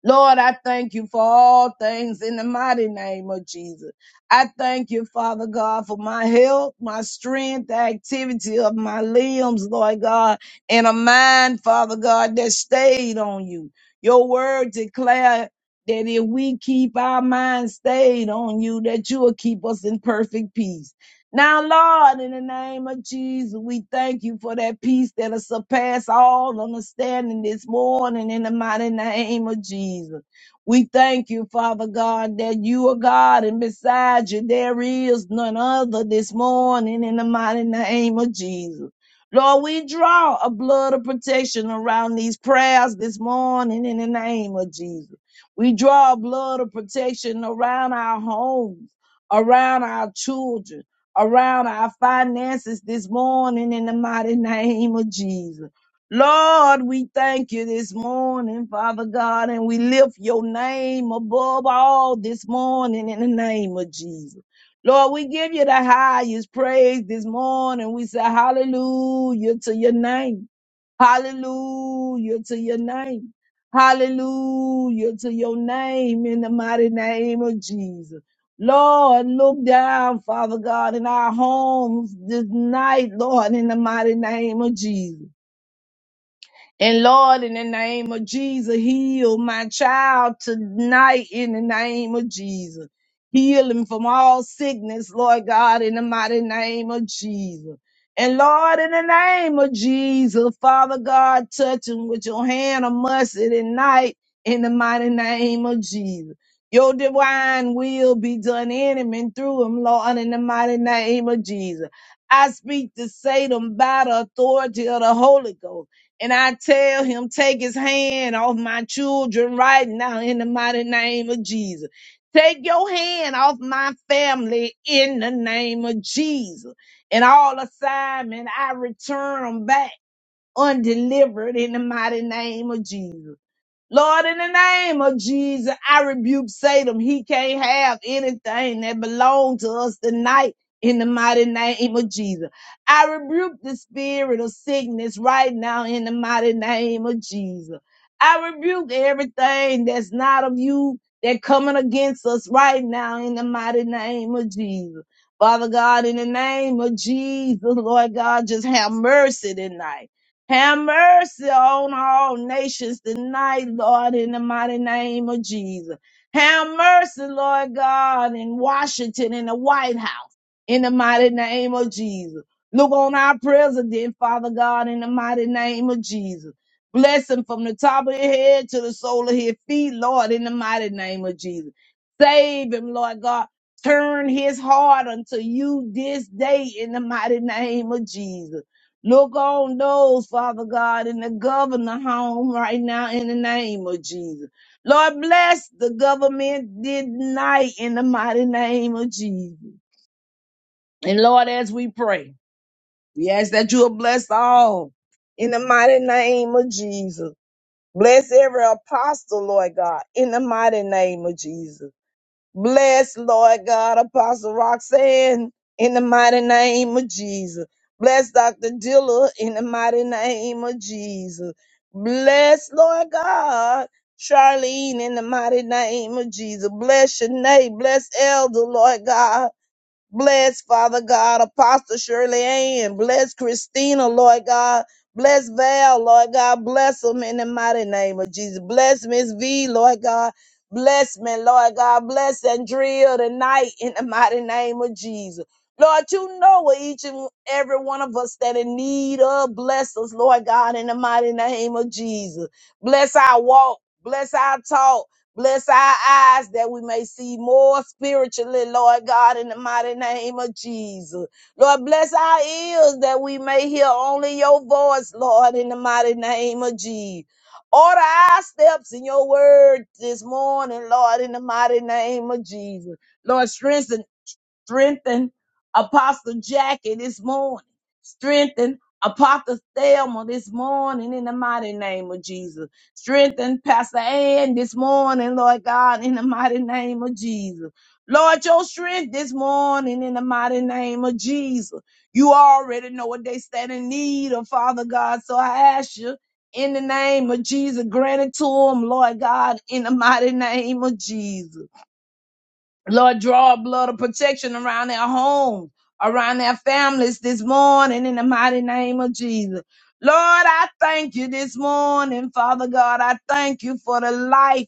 Speaker 2: Lord, I thank you for all things in the mighty name of Jesus. I thank you, Father God, for my health, my strength, the activity of my limbs, Lord God, and a mind, Father God, that stayed on you. Your word declare that if we keep our mind stayed on you, that you will keep us in perfect peace. Now, Lord, in the name of Jesus, we thank you for that peace that'll surpass all understanding this morning in the mighty name of Jesus. We thank you, Father God, that you are God and beside you there is none other this morning in the mighty name of Jesus. Lord, we draw a blood of protection around these prayers this morning in the name of Jesus. We draw a blood of protection around our homes, around our children around our finances this morning in the mighty name of Jesus. Lord, we thank you this morning, Father God, and we lift your name above all this morning in the name of Jesus. Lord, we give you the highest praise this morning. We say hallelujah to your name. Hallelujah to your name. Hallelujah to your name in the mighty name of Jesus. Lord, look down, Father God, in our homes this night, Lord, in the mighty name of Jesus. And Lord, in the name of Jesus, heal my child tonight in the name of Jesus. Heal him from all sickness, Lord God, in the mighty name of Jesus. And Lord, in the name of Jesus, Father God, touch him with your hand of mercy tonight in the mighty name of Jesus. Your divine will be done in him and through him, Lord, in the mighty name of Jesus. I speak to Satan by the authority of the Holy Ghost. And I tell him, take his hand off my children right now in the mighty name of Jesus. Take your hand off my family in the name of Jesus. And all assignment, I return them back undelivered in the mighty name of Jesus. Lord, in the name of Jesus, I rebuke Satan. He can't have anything that belongs to us tonight in the mighty name of Jesus. I rebuke the spirit of sickness right now in the mighty name of Jesus. I rebuke everything that's not of you that coming against us right now in the mighty name of Jesus. Father God, in the name of Jesus, Lord God, just have mercy tonight. Have mercy on all nations tonight, Lord, in the mighty name of Jesus. Have mercy, Lord God, in Washington, in the White House, in the mighty name of Jesus. Look on our president, Father God, in the mighty name of Jesus. Bless him from the top of his head to the sole of his feet, Lord, in the mighty name of Jesus. Save him, Lord God. Turn his heart unto you this day in the mighty name of Jesus. Look on those, Father God, in the governor home right now in the name of Jesus. Lord, bless the government tonight in the mighty name of Jesus. And Lord, as we pray, we ask that you will bless all in the mighty name of Jesus. Bless every apostle, Lord God, in the mighty name of Jesus. Bless, Lord God, Apostle Roxanne in the mighty name of Jesus. Bless Dr. Dilla in the mighty name of Jesus. Bless, Lord God, Charlene in the mighty name of Jesus. Bless Shanae. Bless Elder, Lord God. Bless, Father God, Apostle Shirley Ann. Bless Christina, Lord God. Bless Val, Lord God. Bless them in the mighty name of Jesus. Bless Miss V, Lord God. Bless me, Lord God. Bless Andrea tonight in the mighty name of Jesus. Lord, you know what each and every one of us that in need of. Bless us, Lord God, in the mighty name of Jesus. Bless our walk. Bless our talk. Bless our eyes that we may see more spiritually, Lord God, in the mighty name of Jesus. Lord, bless our ears that we may hear only your voice, Lord, in the mighty name of Jesus. Order our steps in your word this morning, Lord, in the mighty name of Jesus. Lord, strengthen Strengthen Apostle Jackie this morning. Strengthen Apostle Thelma this morning in the mighty name of Jesus. Strengthen Pastor Ann this morning, Lord God, in the mighty name of Jesus. Lord, your strength this morning in the mighty name of Jesus. You already know what they stand in need of, Father God. So I ask you in the name of Jesus, grant it to them, Lord God, in the mighty name of Jesus. Lord, draw a blood of protection around their homes, around their families this morning in the mighty name of Jesus. Lord, I thank you this morning, Father God. I thank you for the life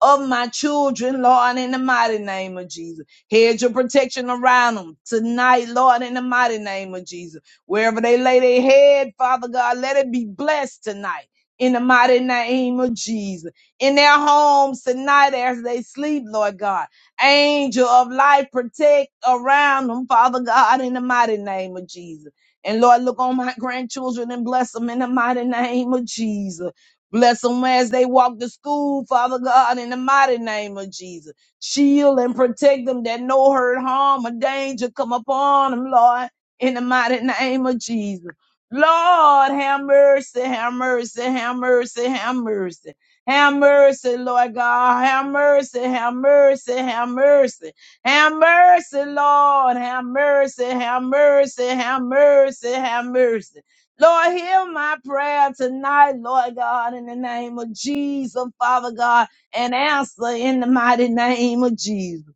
Speaker 2: of my children, Lord, in the mighty name of Jesus. Hedge your protection around them tonight, Lord, in the mighty name of Jesus. Wherever they lay their head, Father God, let it be blessed tonight. In the mighty name of Jesus. In their homes tonight as they sleep, Lord God. Angel of life, protect around them, Father God, in the mighty name of Jesus. And Lord, look on my grandchildren and bless them in the mighty name of Jesus. Bless them as they walk to school, Father God, in the mighty name of Jesus. Shield and protect them that no hurt, harm, or danger come upon them, Lord, in the mighty name of Jesus. Lord, have mercy, have mercy, have mercy, have mercy. Have mercy, Lord God. Have mercy, have mercy, have mercy. Have mercy, Lord. Have mercy, have mercy, have mercy, have mercy. Lord, hear my prayer tonight, Lord God, in the name of Jesus, Father God, and answer in the mighty name of Jesus.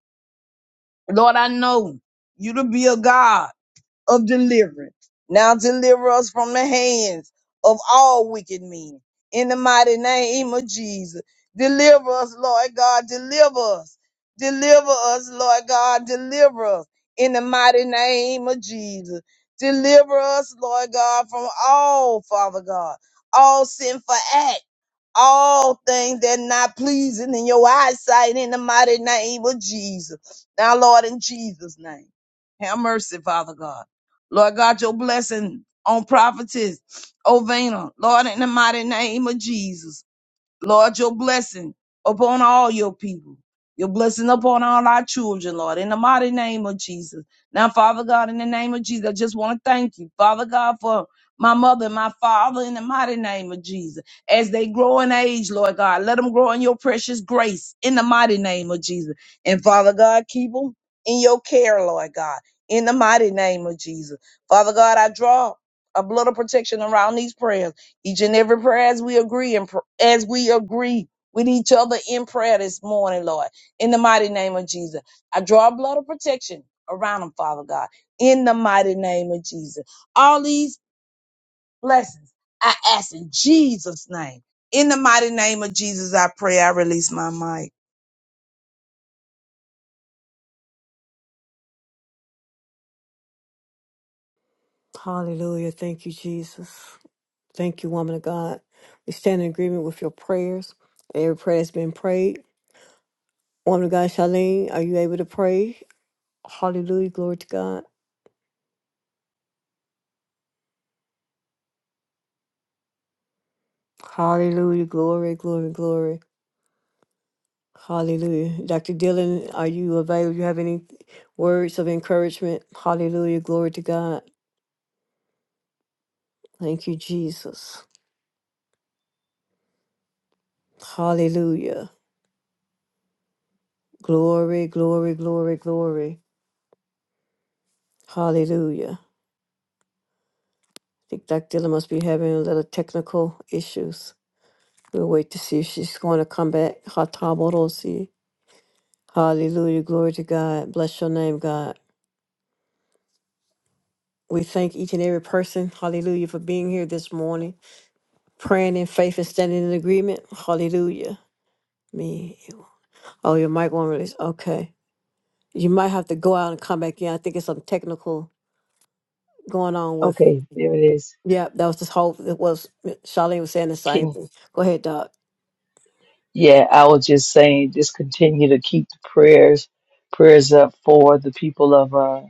Speaker 2: Lord, I know you to be a God of deliverance. Now deliver us from the hands of all wicked men. In the mighty name of Jesus. Deliver us, Lord God. Deliver us. Deliver us, Lord God. Deliver us. In the mighty name of Jesus. Deliver us, Lord God, from all, Father God, all sinful acts all things that not pleasing in your eyesight in the mighty name of Jesus. Now, Lord, in Jesus' name, have mercy, Father God. Lord God, your blessing on prophetess Ovena, Lord, in the mighty name of Jesus. Lord, your blessing upon all your people. Your blessing upon all our children, Lord, in the mighty name of Jesus. Now, Father God, in the name of Jesus, I just want to thank you, Father God, for my mother and my father in the mighty name of Jesus. As they grow in age, Lord God, let them grow in your precious grace in the mighty name of Jesus. And Father God, keep them in your care, Lord God, in the mighty name of Jesus. Father God, I draw a blood of protection around these prayers each and every prayer as we agree and as we agree with each other in prayer this morning, Lord. In the mighty name of Jesus, I draw a blood of protection around them, Father God. In the mighty name of Jesus, all these blessings I ask in Jesus' name. In the mighty name of Jesus, I pray. I release my mic.
Speaker 1: Hallelujah. Thank you, Jesus. Thank you, woman of God. We stand in agreement with your prayers. Every prayer has been prayed. Woman of God, Charlene, are you able to pray? Hallelujah. Glory to God. Hallelujah. Glory, glory, glory. Hallelujah. Dr. Dillon, are you available? you have any words of encouragement? Hallelujah. Glory to God. Thank you, Jesus. Hallelujah. Glory, glory, glory, glory. Hallelujah. think Dr. Dilla must be having a little technical issues. We'll wait to see if she's going to come back. Hataborosi. Hallelujah. Glory to God. Bless your name, God. We thank each and every person, hallelujah, for being here this morning, praying in faith and standing in agreement. Hallelujah. Me. Oh, your mic won't release. Okay. You might have to go out and come back in. I think it's some technical going on with.
Speaker 3: Okay, there it is.
Speaker 1: Yeah, that was this whole. It was Charlene was saying the same
Speaker 3: Can
Speaker 1: thing. Go ahead, Doc.
Speaker 3: yeah, I was just saying, just continue to keep the prayers prayers up for the people of uh,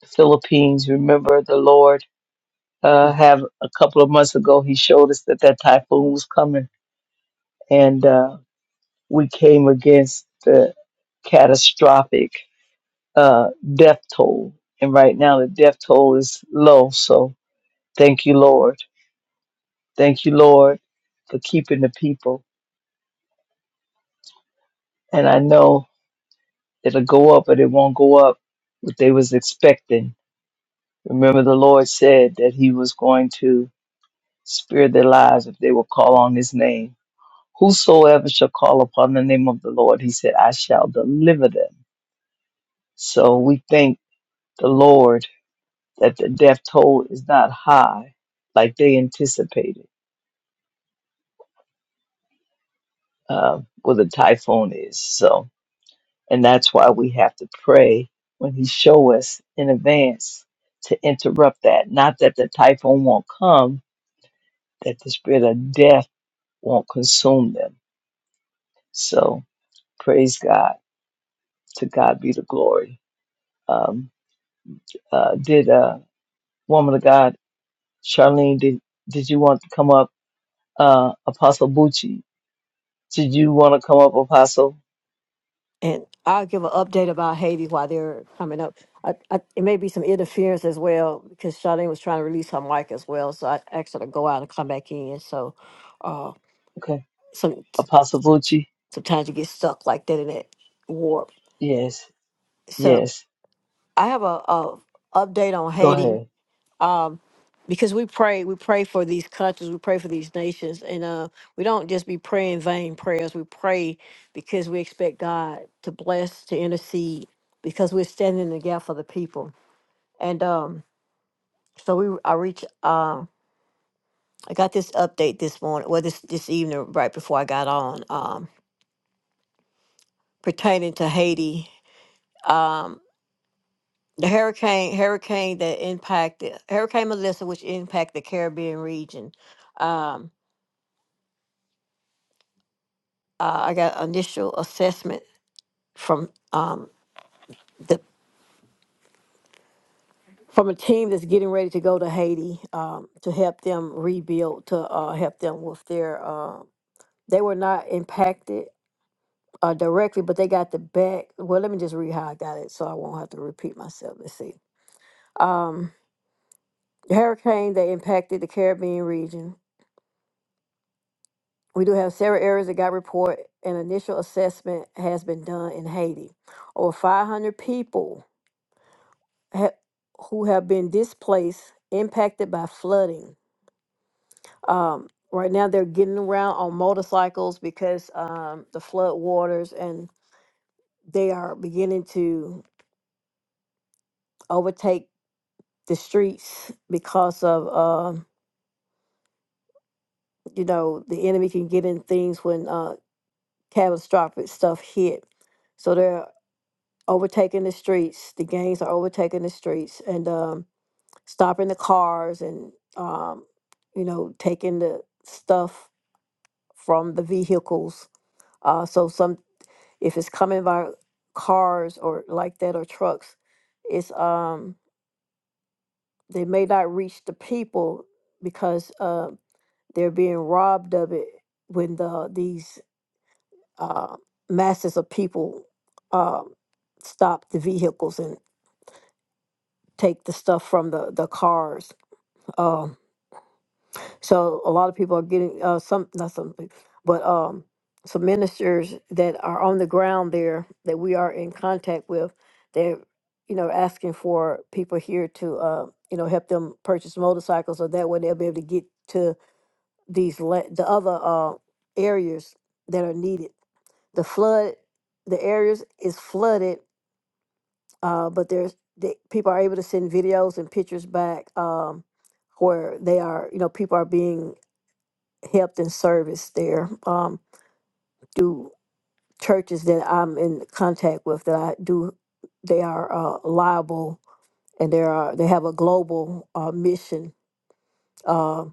Speaker 3: the Philippines. Remember, the Lord uh, have a couple of months ago, He showed us that that typhoon was coming, and uh, we came against the catastrophic uh, death toll. And right now, the death toll is low. So thank you, Lord. Thank you, Lord, for keeping the people. And I know. It'll go up, but it won't go up what they was expecting. Remember, the Lord said that He was going to spare their lives if they will call on His name. Whosoever shall call upon the name of the Lord, He said, I shall deliver them. So we thank the Lord that the death toll is not high like they anticipated uh, with a typhoon is. So And that's why we have to pray when he show us in advance to interrupt that. Not that the typhoon won't come, that the spirit of death won't consume them. So praise God. To God be the glory. Um, uh, did uh, woman of God, Charlene, did, did you want to come up? Uh, Apostle Bucci, did you want to come up, Apostle?
Speaker 1: And I'll give an update about Haiti while they're coming up. I, I, it may be some interference as well because Charlene was trying to release her mic as well. So I asked her to go out and come back in. So uh,
Speaker 3: Okay.
Speaker 1: some
Speaker 3: Apostle Bucci?
Speaker 1: sometimes you get stuck like that in that warp.
Speaker 3: Yes.
Speaker 1: So
Speaker 3: Yes.
Speaker 1: I have a, a update on
Speaker 3: Go
Speaker 1: Haiti.
Speaker 3: ahead.
Speaker 1: um, because we pray, we pray for these countries, we pray for these nations, and uh, we don't just be praying vain prayers. We pray because we expect God to bless, to intercede, because we're standing in the gap for the people. And um, so we, I reach, uh, I got this update this morning, well, this this evening, right before I got on, um, pertaining to Haiti. Um, the hurricane, hurricane that impacted Hurricane Melissa, which impacted the Caribbean region. Um, uh, I got initial assessment from um, the from a team that's getting ready to go to Haiti um, to help them rebuild, to uh, help them with their. Uh, they were not impacted uh, directly, but they got the back. Well, let me just read how I got it, so I won't have to repeat myself. Let's see. Um, the hurricane that impacted the Caribbean region. We do have several areas that got report. An initial assessment has been done in Haiti. Over 500 people ha- who have been displaced, impacted by flooding. Um, right now, they're getting around on motorcycles because um, the flood waters, and they are beginning to overtake the streets because of uh, you know the enemy can get in things when uh, catastrophic stuff hit. So they're overtaking the streets. The gangs are overtaking the streets and um, stopping the cars and um, you know taking the stuff from the vehicles. Uh, so some, if it's coming by cars or like that or trucks, it's um they may not reach the people because uh, they're being robbed of it when the these uh, masses of people um stop the vehicles and take the stuff from the the cars. Um, So a lot of people are getting uh, some, not some, pe- but um, some ministers that are on the ground there that we are in contact with. They're, you know, asking for people here to, uh, you know, help them purchase motorcycles, so that way they'll be able to get to these la- the other uh, areas that are needed. The flood, the areas is flooded, uh, but there's the, people are able to send videos and pictures back um, where they are, you know, people are being helped and service there um, through churches that I'm in contact with that I do. They are uh, liable and they are they have a global uh, mission, uh,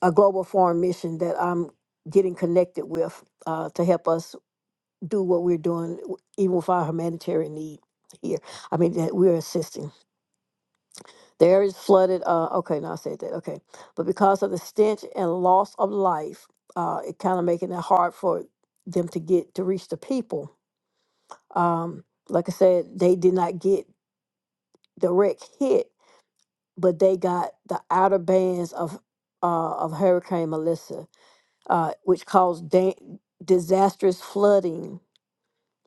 Speaker 1: a global foreign mission that I'm getting connected with uh, to help us do what we're doing, w- even with our humanitarian need here. I mean that we're assisting. The area is flooded. Uh, okay, now I said that. Okay, but because of the stench and loss of life, uh, it kind of making it hard for them to get to reach the people. Um, like I said, they did not get direct hit, but they got the outer bands of uh, of Hurricane Melissa, uh, which caused da- disastrous flooding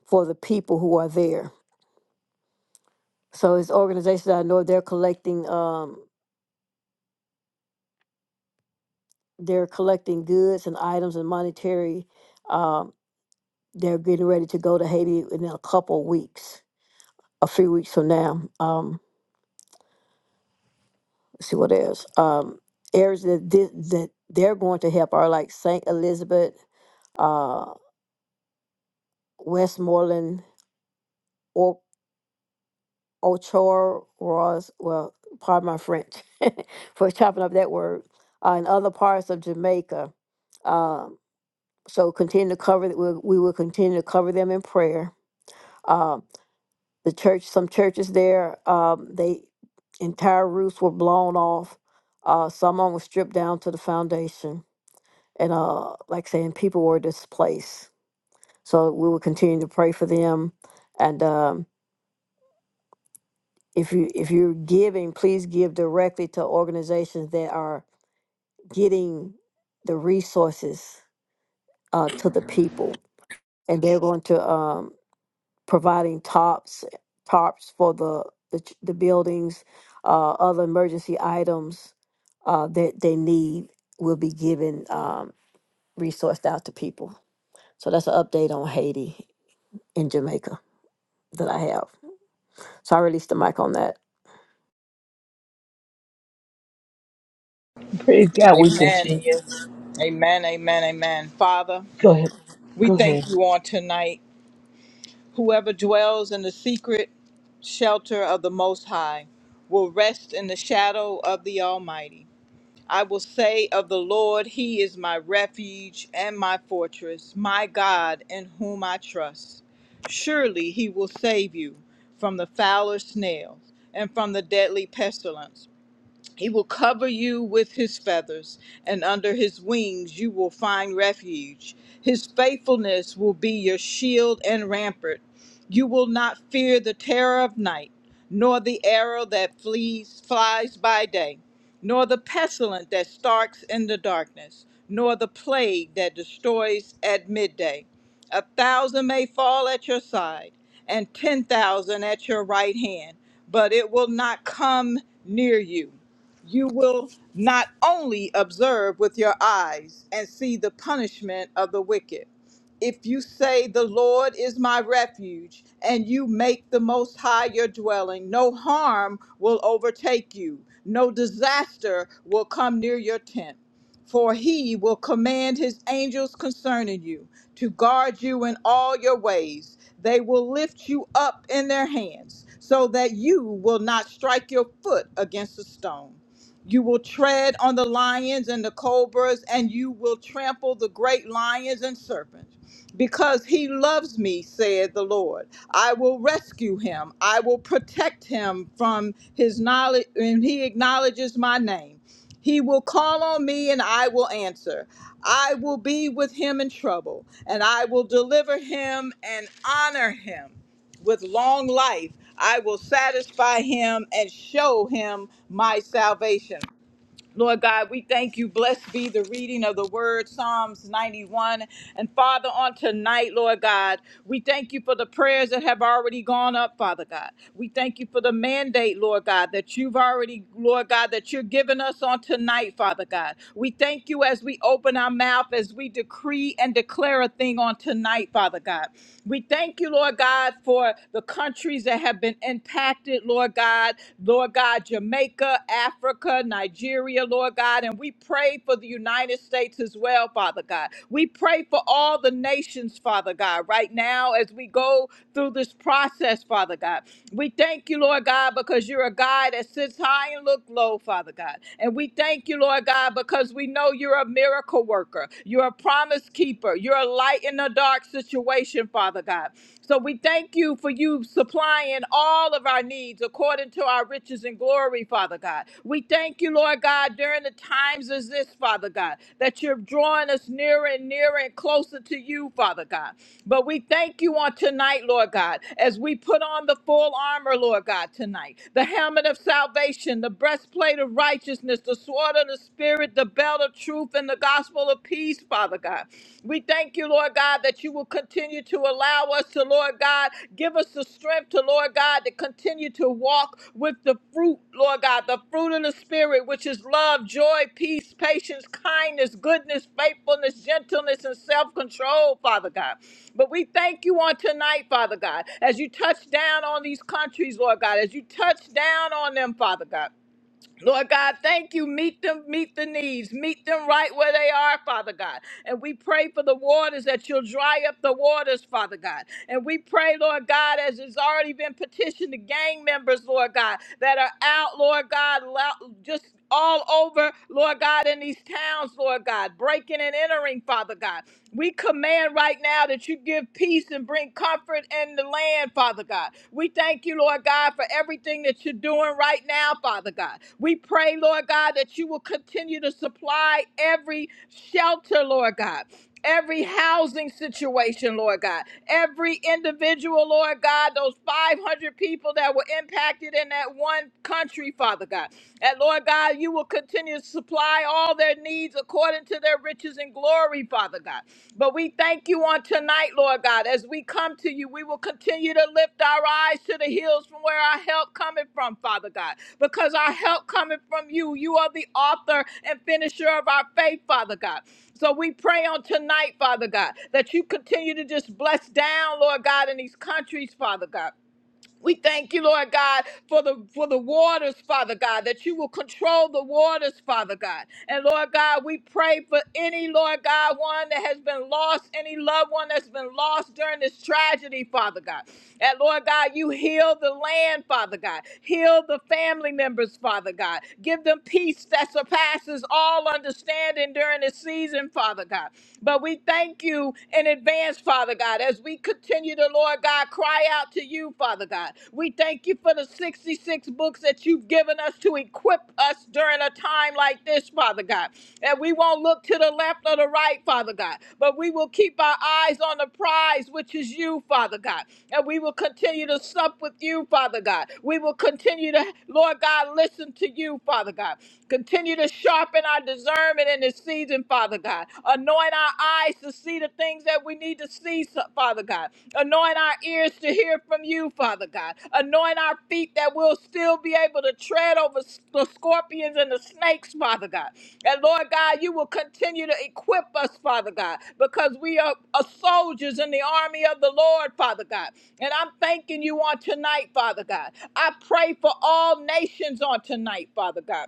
Speaker 1: for the people who are there. So it's organizations that I know they're collecting um, they're collecting goods and items and monetary. um, They're getting ready to go to Haiti in a couple weeks, a few weeks from now. Um, let's see what else. Um, areas that, thi- that they're going to help are like St. Elizabeth, uh, Westmoreland, or Ochor, Ross, well, pardon my French for chopping up that word, uh, and other parts of Jamaica. Um, so continue to cover, we, we will continue to cover them in prayer. Um, the church some churches there um, they entire roofs were blown off uh, some of 'em were stripped down to the foundation and uh, like saying people were displaced so we will continue to pray for them and um, if you if you're giving please give directly to organizations that are getting the resources uh, to the people and they're going to um, providing tops tarps for the the, ch- the buildings uh, other emergency items uh, that they need will be given um, resourced out to people so that's an update on haiti and jamaica that i have so i released the mic on that
Speaker 3: Praise God. We
Speaker 4: Amen.
Speaker 3: continue.
Speaker 4: Amen. Amen. Amen. Father,
Speaker 3: Go ahead.
Speaker 4: we
Speaker 3: Go
Speaker 4: thank
Speaker 3: ahead.
Speaker 4: you on tonight. Whoever dwells in the secret shelter of the Most High will rest in the shadow of the Almighty. I will say of the Lord, He is my refuge and my fortress, my God in whom I trust. Surely He will save you from the fowler's snails and from the deadly pestilence. He will cover you with his feathers, and under his wings you will find refuge. His faithfulness will be your shield and rampart. You will not fear the terror of night, nor the arrow that flees, flies by day, nor the pestilence that stalks in the darkness, nor the plague that destroys at midday. A thousand may fall at your side, and ten thousand at your right hand, but it will not come near you you will not only observe with your eyes and see the punishment of the wicked. If you say, The Lord is my refuge, and you make the Most High your dwelling, no harm will overtake you, no disaster will come near your tent. For he will command his angels concerning you to guard you in all your ways. They will lift you up in their hands so that you will not strike your foot against a stone. You will tread on the lions and the cobras, and you will trample the great lions and serpents. Because he loves me, said the Lord. I will rescue him. I will protect him from his knowledge, and he acknowledges my name. He will call on me, and I will answer. I will be with him in trouble, and I will deliver him and honor him with long life. I will satisfy him and show him my salvation. Lord God, we thank you. Blessed be the reading of the word, Psalms 91. And Father, on tonight, Lord God, we thank you for the prayers that have already gone up, Father God. We thank you for the mandate, Lord God, that you've already, Lord God, that you're giving us on tonight, Father God. We thank you as we open our mouth, as we decree and declare a thing on tonight, Father God. We thank you, Lord God, for the countries that have been impacted impacted, Lord God, Lord God, Jamaica, Africa, Nigeria, Lord God. And we pray for the United States as well, Father God. We pray for all the nations, Father God, right now as we go through this process, Father God. We thank you, Lord God, because you're a God that sits high and look low, Father God. And we thank you, Lord God, because we know you're a miracle worker. You're a promise keeper. You're a light in the dark situation, Father God. So we thank you for you supplying all of our needs according to our riches and glory, Father God. We thank you, Lord God, during the times as this, Father God, that you're drawing us nearer and nearer and closer to you, Father God. But we thank you on tonight, Lord God, as we put on the full armor, Lord God, tonight the helmet of salvation, the breastplate of righteousness, the sword of the Spirit, the belt of truth, and the gospel of of peace, Father God. We thank you, Lord God, that you will continue to allow us to, Lord God, give us the strength to, Lord God, to continue to walk with the fruit, Lord God, the fruit of the Spirit, which is love, joy, peace, patience, kindness, goodness, faithfulness, gentleness, and self control, Father God. But we thank you on tonight, Father God, as you touch down on these countries, Lord God, as you touch down on them, Father God. Lord God, thank you. Meet them, meet the needs, meet them right where they are, Father God. And we pray for the waters that you'll dry up the waters, Father God. And we pray, Lord God, as it's already been petitioned to gang members, Lord God, that are out, Lord God, lo- just all over, Lord God, in these towns, Lord God, breaking and entering, Father God. We command right now that you give peace and bring comfort in the land, Father God. We thank you, Lord God, for everything that you're doing right now, Father God. We pray, Lord God, that you will continue to supply every shelter, Lord God every housing situation, Lord God, every individual, Lord God, those 500 people that were impacted in that one country, Father God. And Lord God, you will continue to supply all their needs according to their riches and glory, Father God. But we thank you on tonight, Lord God. As we come to you, we will continue to lift our eyes to the hills from where our help coming from, Father God. Because our help coming from you. You are the author and finisher of our faith, Father God. So we pray on tonight, Father God, that you continue to just bless down, Lord God, in these countries, Father God. We thank you, Lord God, for the for the waters, Father God, that you will control the waters, Father God. And Lord God, we pray for any Lord God one that has been lost, any loved one that's been lost during this tragedy, Father God. And Lord God, you heal the land, Father God. Heal the family members, Father God. Give them peace that surpasses all understanding during this season, Father God. But we thank you in advance, Father. Father God, as we continue to, Lord God, cry out to you, Father God. We thank you for the 66 books that you've given us to equip us during a time like this, Father God. And we won't look to the left or the right, Father God, but we will keep our eyes on the prize, which is you, Father God. And we will continue to sup with you, Father God. We will continue to, Lord God, listen to you, Father God. Continue to sharpen our discernment in this season, Father God. Anoint our eyes to see the things that we need to see, so- Father God. Anoint our ears to hear from you, Father God. Anoint our feet that we'll still be able to tread over s- the scorpions and the snakes, Father God. And Lord God, you will continue to equip us, Father God, because we are, are soldiers in the army of the Lord, Father God. And I'm thanking you on tonight, Father God. I pray for all nations on tonight, Father God.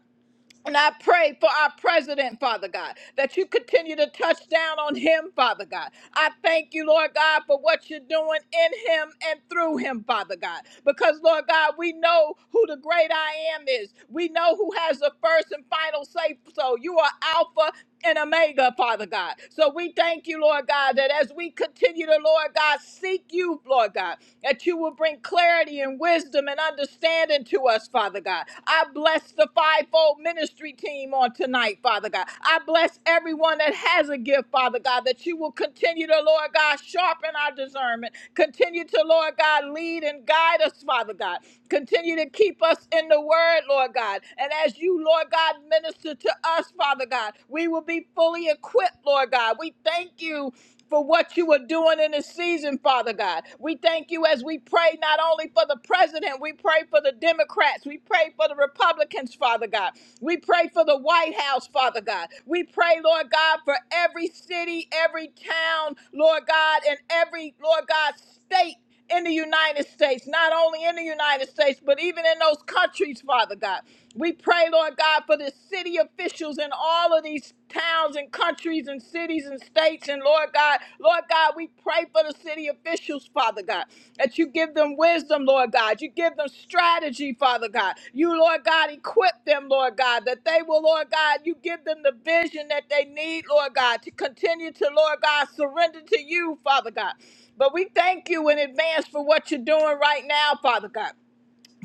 Speaker 4: And I pray for our president, Father God, that you continue to touch down on him, Father God. I thank you, Lord God, for what you're doing in him and through him, Father God. Because, Lord God, we know who the great I am is. We know who has the first and final say so. You are Alpha and Omega, Father God. So we thank you, Lord God, that as we continue to, Lord God, seek you, Lord God, that you will bring clarity and wisdom and understanding to us, Father God. I bless the fivefold ministry team on tonight, Father God. I bless everyone that has a gift, Father God, that you will continue to, Lord God, sharpen our discernment. Continue to, Lord God, lead and guide us, Father God. Continue to keep us in the word, Lord God. And as you, Lord God, minister to us, Father God. We will be fully equipped, Lord God. We thank you for what you are doing in this season, Father God. We thank you as we pray not only for the president, we pray for the Democrats, we pray for the Republicans, Father God. We pray for the White House, Father God. We pray, Lord God, for every city, every town, Lord God, and every, Lord God, state in the United States, not only in the United States, but even in those countries, Father God. We pray, Lord God, for the city officials in all of these towns and countries and cities and states. And Lord God, Lord God, we pray for the city officials, Father God, that you give them wisdom, Lord God. You give them strategy, Father God. You, Lord God, equip them, Lord God, that they will, Lord God, you give them the vision that they need, Lord God, to continue to, Lord God, surrender to you, Father God. But we thank you in advance for what you're doing right now, Father God.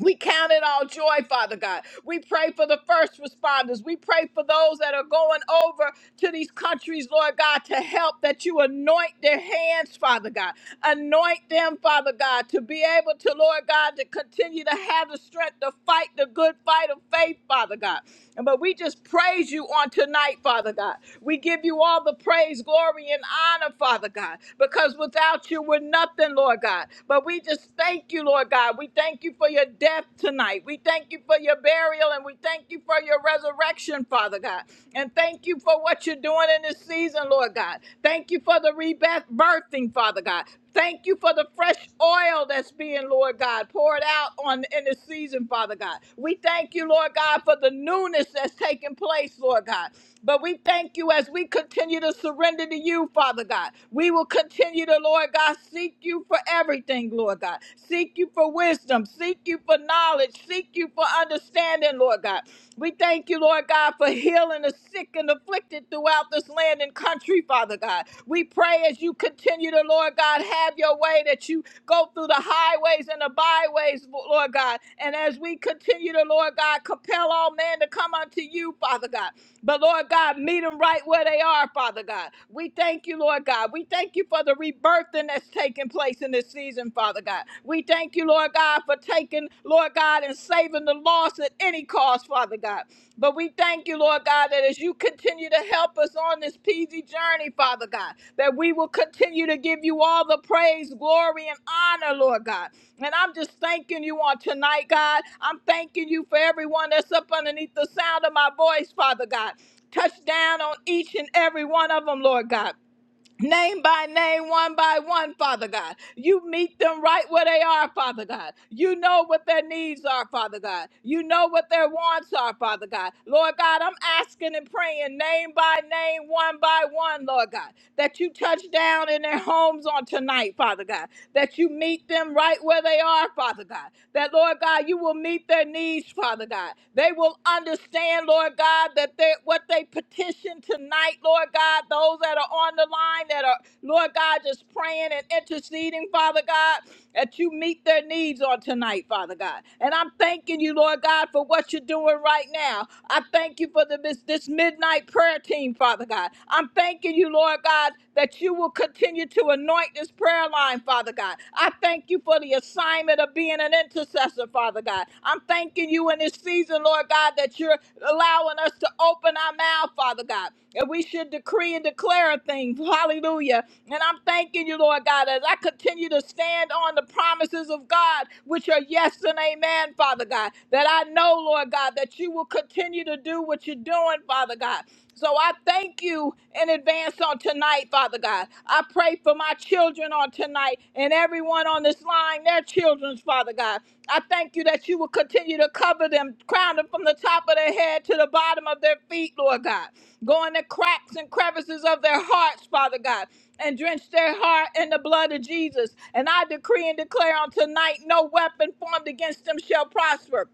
Speaker 4: We count it all joy, Father God. We pray for the first responders. We pray for those that are going over to these countries, Lord God, to help that you anoint their hands, Father God. Anoint them, Father God, to be able to, Lord God, to continue to have the strength to fight the good fight of faith, Father God. And but we just praise you on tonight, Father God. We give you all the praise, glory, and honor, Father God, because without you, you were nothing, Lord God. But we just thank you, Lord God. We thank you for your death tonight. We thank you for your burial and we thank you for your resurrection, Father God. And thank you for what you're doing in this season, Lord God. Thank you for the rebirthing, Father God. Thank you for the fresh oil that's being, Lord God, poured out on in this season, Father God. We thank you, Lord God, for the newness that's taking place, Lord God. But we thank you as we we continue to surrender to you, Father God. We will continue to, Lord God, seek you for everything, Lord God. Seek you for wisdom. Seek you for knowledge. Seek you for understanding, Lord God. We thank you, Lord God, for healing the sick and afflicted throughout this land and country, Father God. We pray as you continue to, Lord God, have your way that you go through the highways and the byways, Lord God. And as we continue to, Lord God, Tell all men to come unto you, Father God. But Lord God, meet them right where they are, Father God. We thank you, Lord God. We thank you for the rebirthing that's taking place in this season, Father God. We thank you, Lord God, for taking, Lord God, and saving the lost at any cost, Father God. But we thank you, Lord God, that as you continue to help us on this peasy journey, Father God, that we will continue to give you all the praise, glory, and honor, Lord God. And I'm just thanking you on tonight, God. I'm thanking you for everyone that's up underneath the sound of my voice, Father God. Touch down on each and every one of them, Lord God. Name by name, one by one, Father God. You meet them right where they are, Father God. You know what their needs are, Father God. You know what their wants are, Father God. Lord God, I'm asking and praying, name by name, one by one, Lord God, that you touch down in their homes on tonight, Father God. That you meet them right where they are, Father God. That, Lord God, you will meet their needs, Father God. They will understand understand, Lord God, that they, what they petition tonight, Lord God, those that are on the line that are, Lord God, just praying and interceding, Father God, that you meet their needs on tonight, Father God. And I'm thanking you, Lord God, for what you're doing right now. I thank you for the, this, this midnight prayer team, Father God. I'm thanking you, Lord God, that you will continue to anoint this prayer line, Father God. I thank thank you for the assignment of being an intercessor, Father God. I'm thanking you in this season, Lord God, that you're allowing us to open our mouth, Father God. And we should decree and declare a thing. Hallelujah. And I'm thanking you, Lord God, as I continue to stand on the promises of God, which are yes and amen, Father God. That I know, Lord God, that you will continue to do what you're doing, Father God. So I thank you in advance on tonight, Father God. I pray for my children on tonight and everyone on this line, their children's, Father God. I thank you that you will continue to cover them, crown them from the top of their head to the bottom of their feet, Lord God. Go in the cracks and crevices of their hearts, Father God, and drench their heart in the blood of Jesus. And I decree and declare on tonight no weapon formed against them shall prosper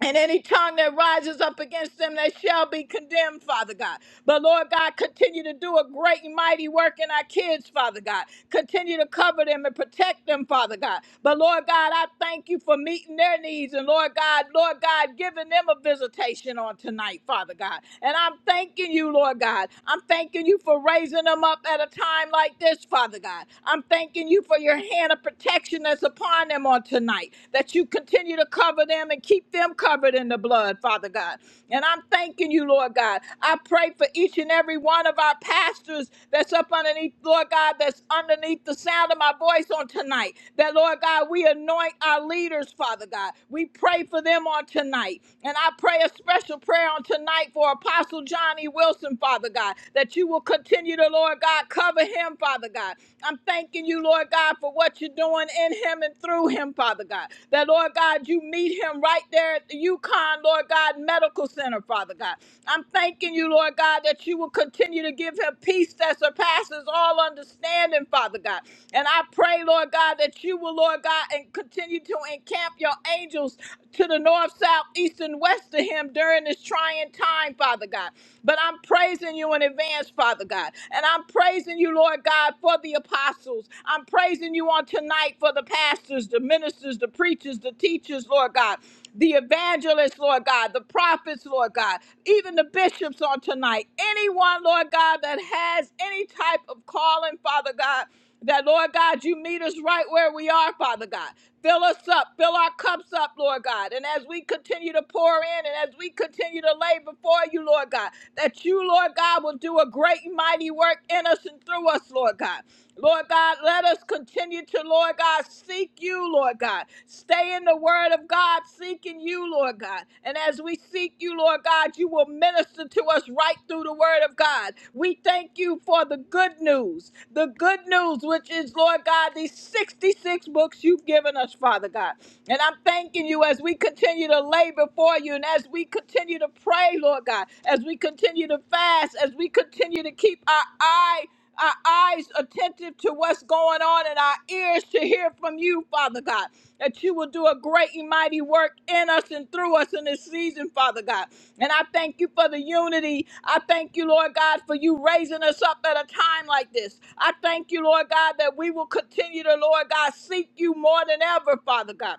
Speaker 4: and any tongue that rises up against them they shall be condemned, Father God. But Lord God, continue to do a great and mighty work in our kids, Father God. Continue to cover them and protect them, Father God. But Lord God, I thank you for meeting their needs. And Lord God, Lord God, giving them a visitation on tonight, Father God. And I'm thanking you, Lord God. I'm thanking you for raising them up at a time like this, Father God. I'm thanking you for your hand of protection that's upon them on tonight tonight, that you continue to cover them and keep them covered in the blood, Father God. And I'm thanking you, Lord God. I pray for each and every one of our pastors that's up underneath, Lord God, that's underneath the sound of my voice on tonight. That, Lord God, we anoint our leaders, Father God. We pray for them on tonight. And I pray a special prayer on tonight for Apostle Johnny Wilson, Father God, that you will continue to, Lord God, cover him, Father God. I'm thanking you, him, Lord God, for what you're doing in him and through him, Father God. That, Lord God, you meet him right there at the UConn, Lord God, Medical Center, Father God. I'm thanking you, Lord God, that you will continue to give him peace that surpasses all understanding, Father God. And I pray, Lord God, that you will, Lord God, and continue to encamp your angels to the north, south, east, and west of him during this trying time, Father God. But I'm praising you in advance, Father God. and and I'm praising you, Lord God, for the apostles. I'm praising you on tonight for the pastors, the ministers, the preachers, the teachers, Lord God, the evangelists, Lord God, the prophets, Lord God, even the bishops on tonight. Anyone, Lord God, that has any type of calling, Father God. That, Lord God, you meet us right where we are, Father God. Fill us up, fill our cups up, Lord God. And as we continue to pour in and as we continue to lay before you, Lord God, that you, Lord God, will do a great and mighty work in us and through us, Lord God. Lord God, let us continue to, Lord God, seek you, Lord God. Stay in the word of God, seeking you, Lord. Lord God. And as we seek you, Lord God, you will minister to us right through the word of God. We thank you for the good news, the good news, which is, Lord God, these 66 books you've given us, Father God. And I'm thanking you as we continue to lay before you and as we continue to pray, Lord God, as we continue to fast, as we continue to keep our eye our eyes attentive to what's going on and our ears to hear from you, Father God. That you will do a great and mighty work in us and through us in this season, Father God. And I thank you for the unity. I thank you, Lord God, for you raising us up at a time like this. I thank you, Lord God, that we will continue to, Lord God, seek you more than ever, Father God.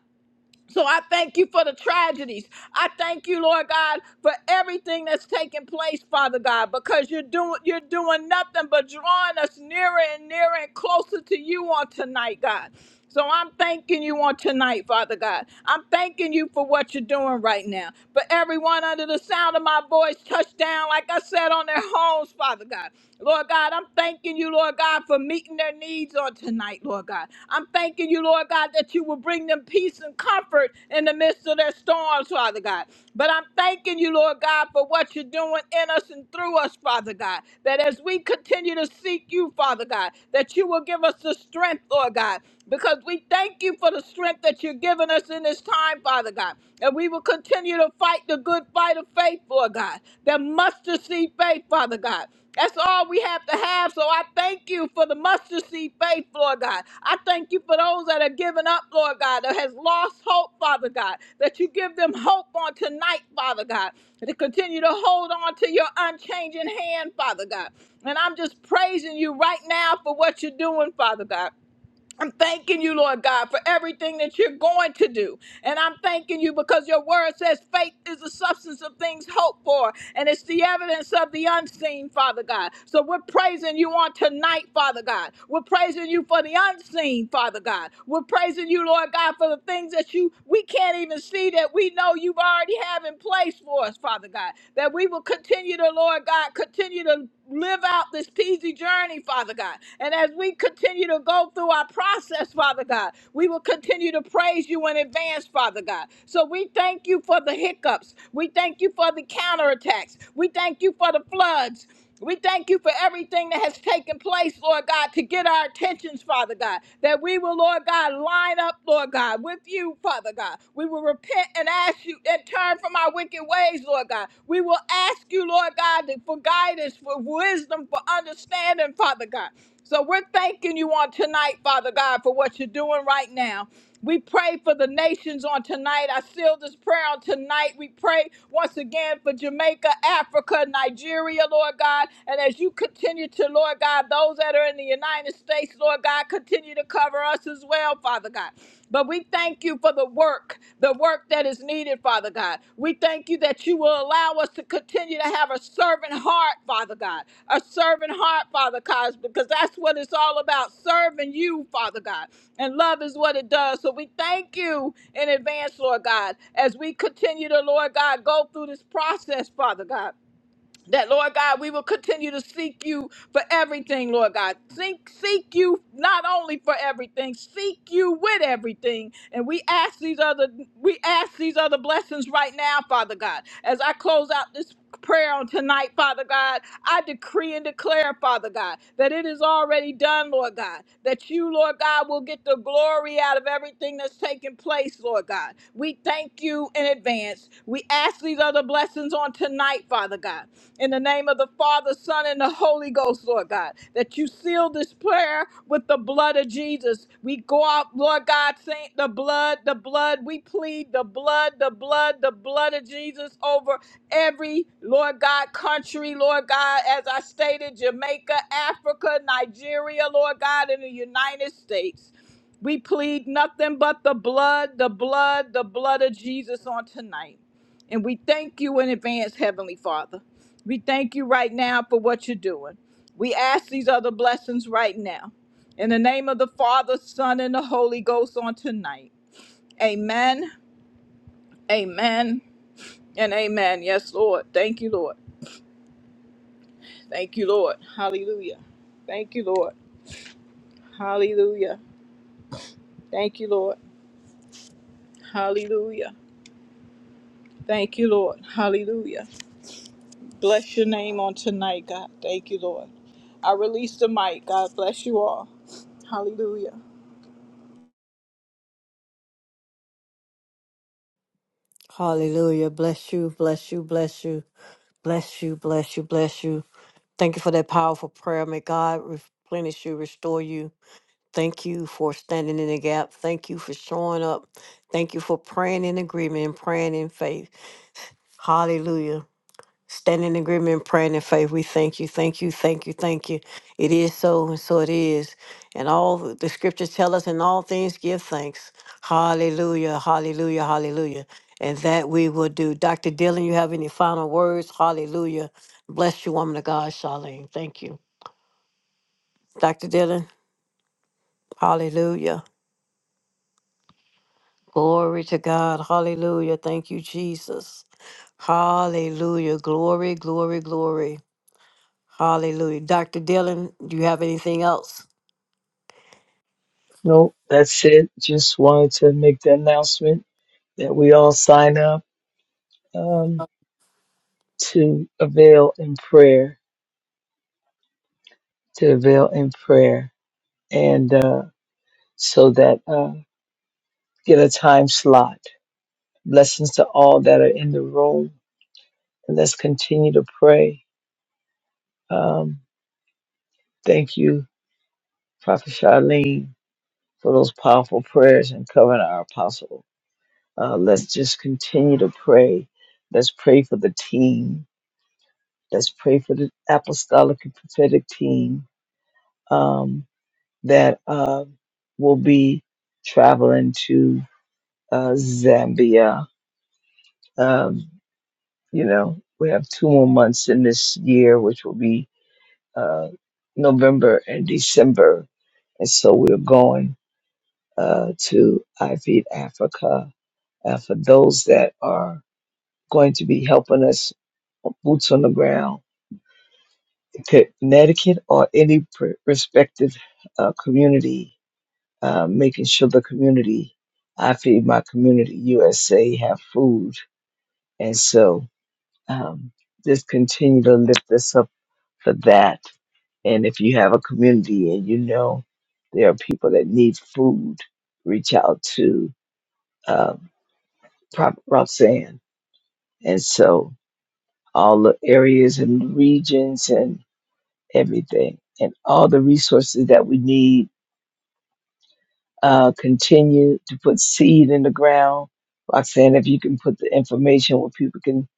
Speaker 4: So I thank you for the tragedies. I thank you, Lord God, for everything that's taking place, Father God, because you're doing you're doing nothing but drawing us nearer and nearer and closer to you on tonight, God. So I'm thanking you on tonight, Father God. I'm thanking you for what you're doing right now. But everyone under the sound of my voice touch down, like I said, on their homes, Father God. Lord God, I'm thanking thanking you, Lord God, for meeting their needs on tonight, Lord God. I'm thanking you, Lord God, that you will bring them peace and comfort in the midst of their storms, Father God. But I'm thanking you, Lord God, for what you're doing in us and through us, Father God. That as we continue to seek you, Father God, that you will give us the strength, Lord God. Because we thank you for the strength that you're giving us in this time, Father God. And we will continue to fight the good fight of faith, Lord God. That mustard seed faith, Father God. That's all we have to have. So I thank you for the mustard seed faith, Lord God. I thank you for those that are giving up, Lord God, that has lost hope, Father God, that you give them hope on tonight, Father God, to continue to hold on to your unchanging hand, Father God. And I'm just praising you right now for what you're doing, Father God. I'm thanking you, Lord God, for everything that you're going to do. And I'm thanking you because your word says faith is the substance of things hoped for, and it's the evidence of the unseen, Father God. So we're praising you on tonight, Father God. We're praising you for the unseen, Father God. We're praising you, Lord God, for the things that you we can't even see that we know you've already have in place for us, Father God. That we will continue to, Lord God, continue to live out this peasy journey, Father God. And as we continue to go through our process, Father God, we will continue to praise you in advance, Father God. So we thank you for the hiccups. We thank you for the counterattacks. We thank you for the floods. We thank you for everything that has taken place, Lord God, to get our attentions, Father God. That we will, Lord God, line up, Lord God, with you, Father God. We will repent and ask you and turn from our wicked ways, Lord God. We will ask you, Lord God, for guidance, for wisdom, for understanding, Father God. So we're thanking you on tonight, Father God, for what you're doing right now. We pray for the nations on tonight. I seal this prayer on tonight. We pray once again for Jamaica, Africa, Nigeria, Lord God. And as you continue to, Lord God, those that are in the United States, Lord God, continue to cover us as well, Father God. But we thank you for the work, the work that is needed, Father God. We thank you that you will allow us to continue to have a servant heart, Father God. A servant heart, Father God, because that's what it's all about, serving you, Father God. And love is what it does. So we thank you in advance, Lord God, as we continue to, Lord God, go through this process, Father God that Lord God, we will continue to seek you for everything, Lord God. Seek, seek you not only for everything, seek you with everything. And we ask these other, we ask these other blessings right now, Father God. As I close out this prayer on tonight, Father God, I decree and declare, Father God, that it is already done, Lord God. That you, Lord God, will get the glory out of everything that's taking place, Lord God. We thank you in advance. We ask these other blessings on tonight, Father God in the name of the Father, Son, and the Holy Ghost, Lord God, that you seal this prayer with the blood of Jesus. We go out, Lord God, saying the blood, the blood. We plead the blood, the blood, the blood of Jesus over every, Lord God, country, Lord God, as I stated, Jamaica, Africa, Nigeria, Lord God, and the United States. We plead nothing but the blood, the blood, the blood of Jesus on tonight. And we thank you in advance, Heavenly Father. We thank you right now for what you're doing. We ask these other blessings right now. In the name of the Father, Son, and the Holy Ghost on tonight. Amen, amen, and amen. Yes, Lord. Thank you, Lord. Thank you, Lord. Hallelujah. Thank you, Lord. Hallelujah. Thank you, Lord. Hallelujah. Thank you, Lord. Hallelujah. Bless your name on tonight, God. Thank you, Lord. I release the mic. God bless you all. Hallelujah.
Speaker 1: Hallelujah. Bless you, bless you, bless you, bless you, bless you, bless you. Thank you for that powerful prayer. May God replenish you, restore you. Thank you for standing in the gap. Thank you for showing up. Thank you for praying in agreement and praying in faith. Hallelujah. Standing in agreement and praying in faith. We thank you. Thank you. Thank you. Thank you. It is so and so it is. And all the the scriptures tell us in all things give thanks. Hallelujah. Hallelujah. Hallelujah. And that we will do. Dr. Dillon, you have any final words? Hallelujah. Bless you, woman of God, Charlene. Thank you. Dr. Dillon, hallelujah. Glory to God. Hallelujah. Thank you, Jesus. Hallelujah. Glory, glory, glory. Hallelujah. Dr. Dillon, do you have anything else?
Speaker 3: No, that's it. Just wanted to make the announcement that we all sign up um, to avail in prayer, to avail in prayer, and uh, so that uh, get a time slot. Blessings to all that are in the room, and let's continue to pray. Um, thank you, Prophet Charlene, for those powerful prayers and covering our apostle. Uh, let's just continue to pray. Let's pray for the team Let's pray for the apostolic and prophetic team um, that uh, will be traveling to uh, Zambia. Um, you know, we have two more months in this year, which will be uh, November and December. And so we're going uh, to I Feed Africa. Uh, for those that are going to be helping us, boots on the ground, Connecticut or any pr- respective uh, community, uh, making sure the community, I feed my community, USA, have food. And so um, just continue to lift us up for that. And if you have a community and you know there are people that need food, reach out to uh, Prophet Roxanne. And so all the areas and regions and everything and all the resources that we need uh, continue to put seed in the ground. Roxanne, if you can put the information where people can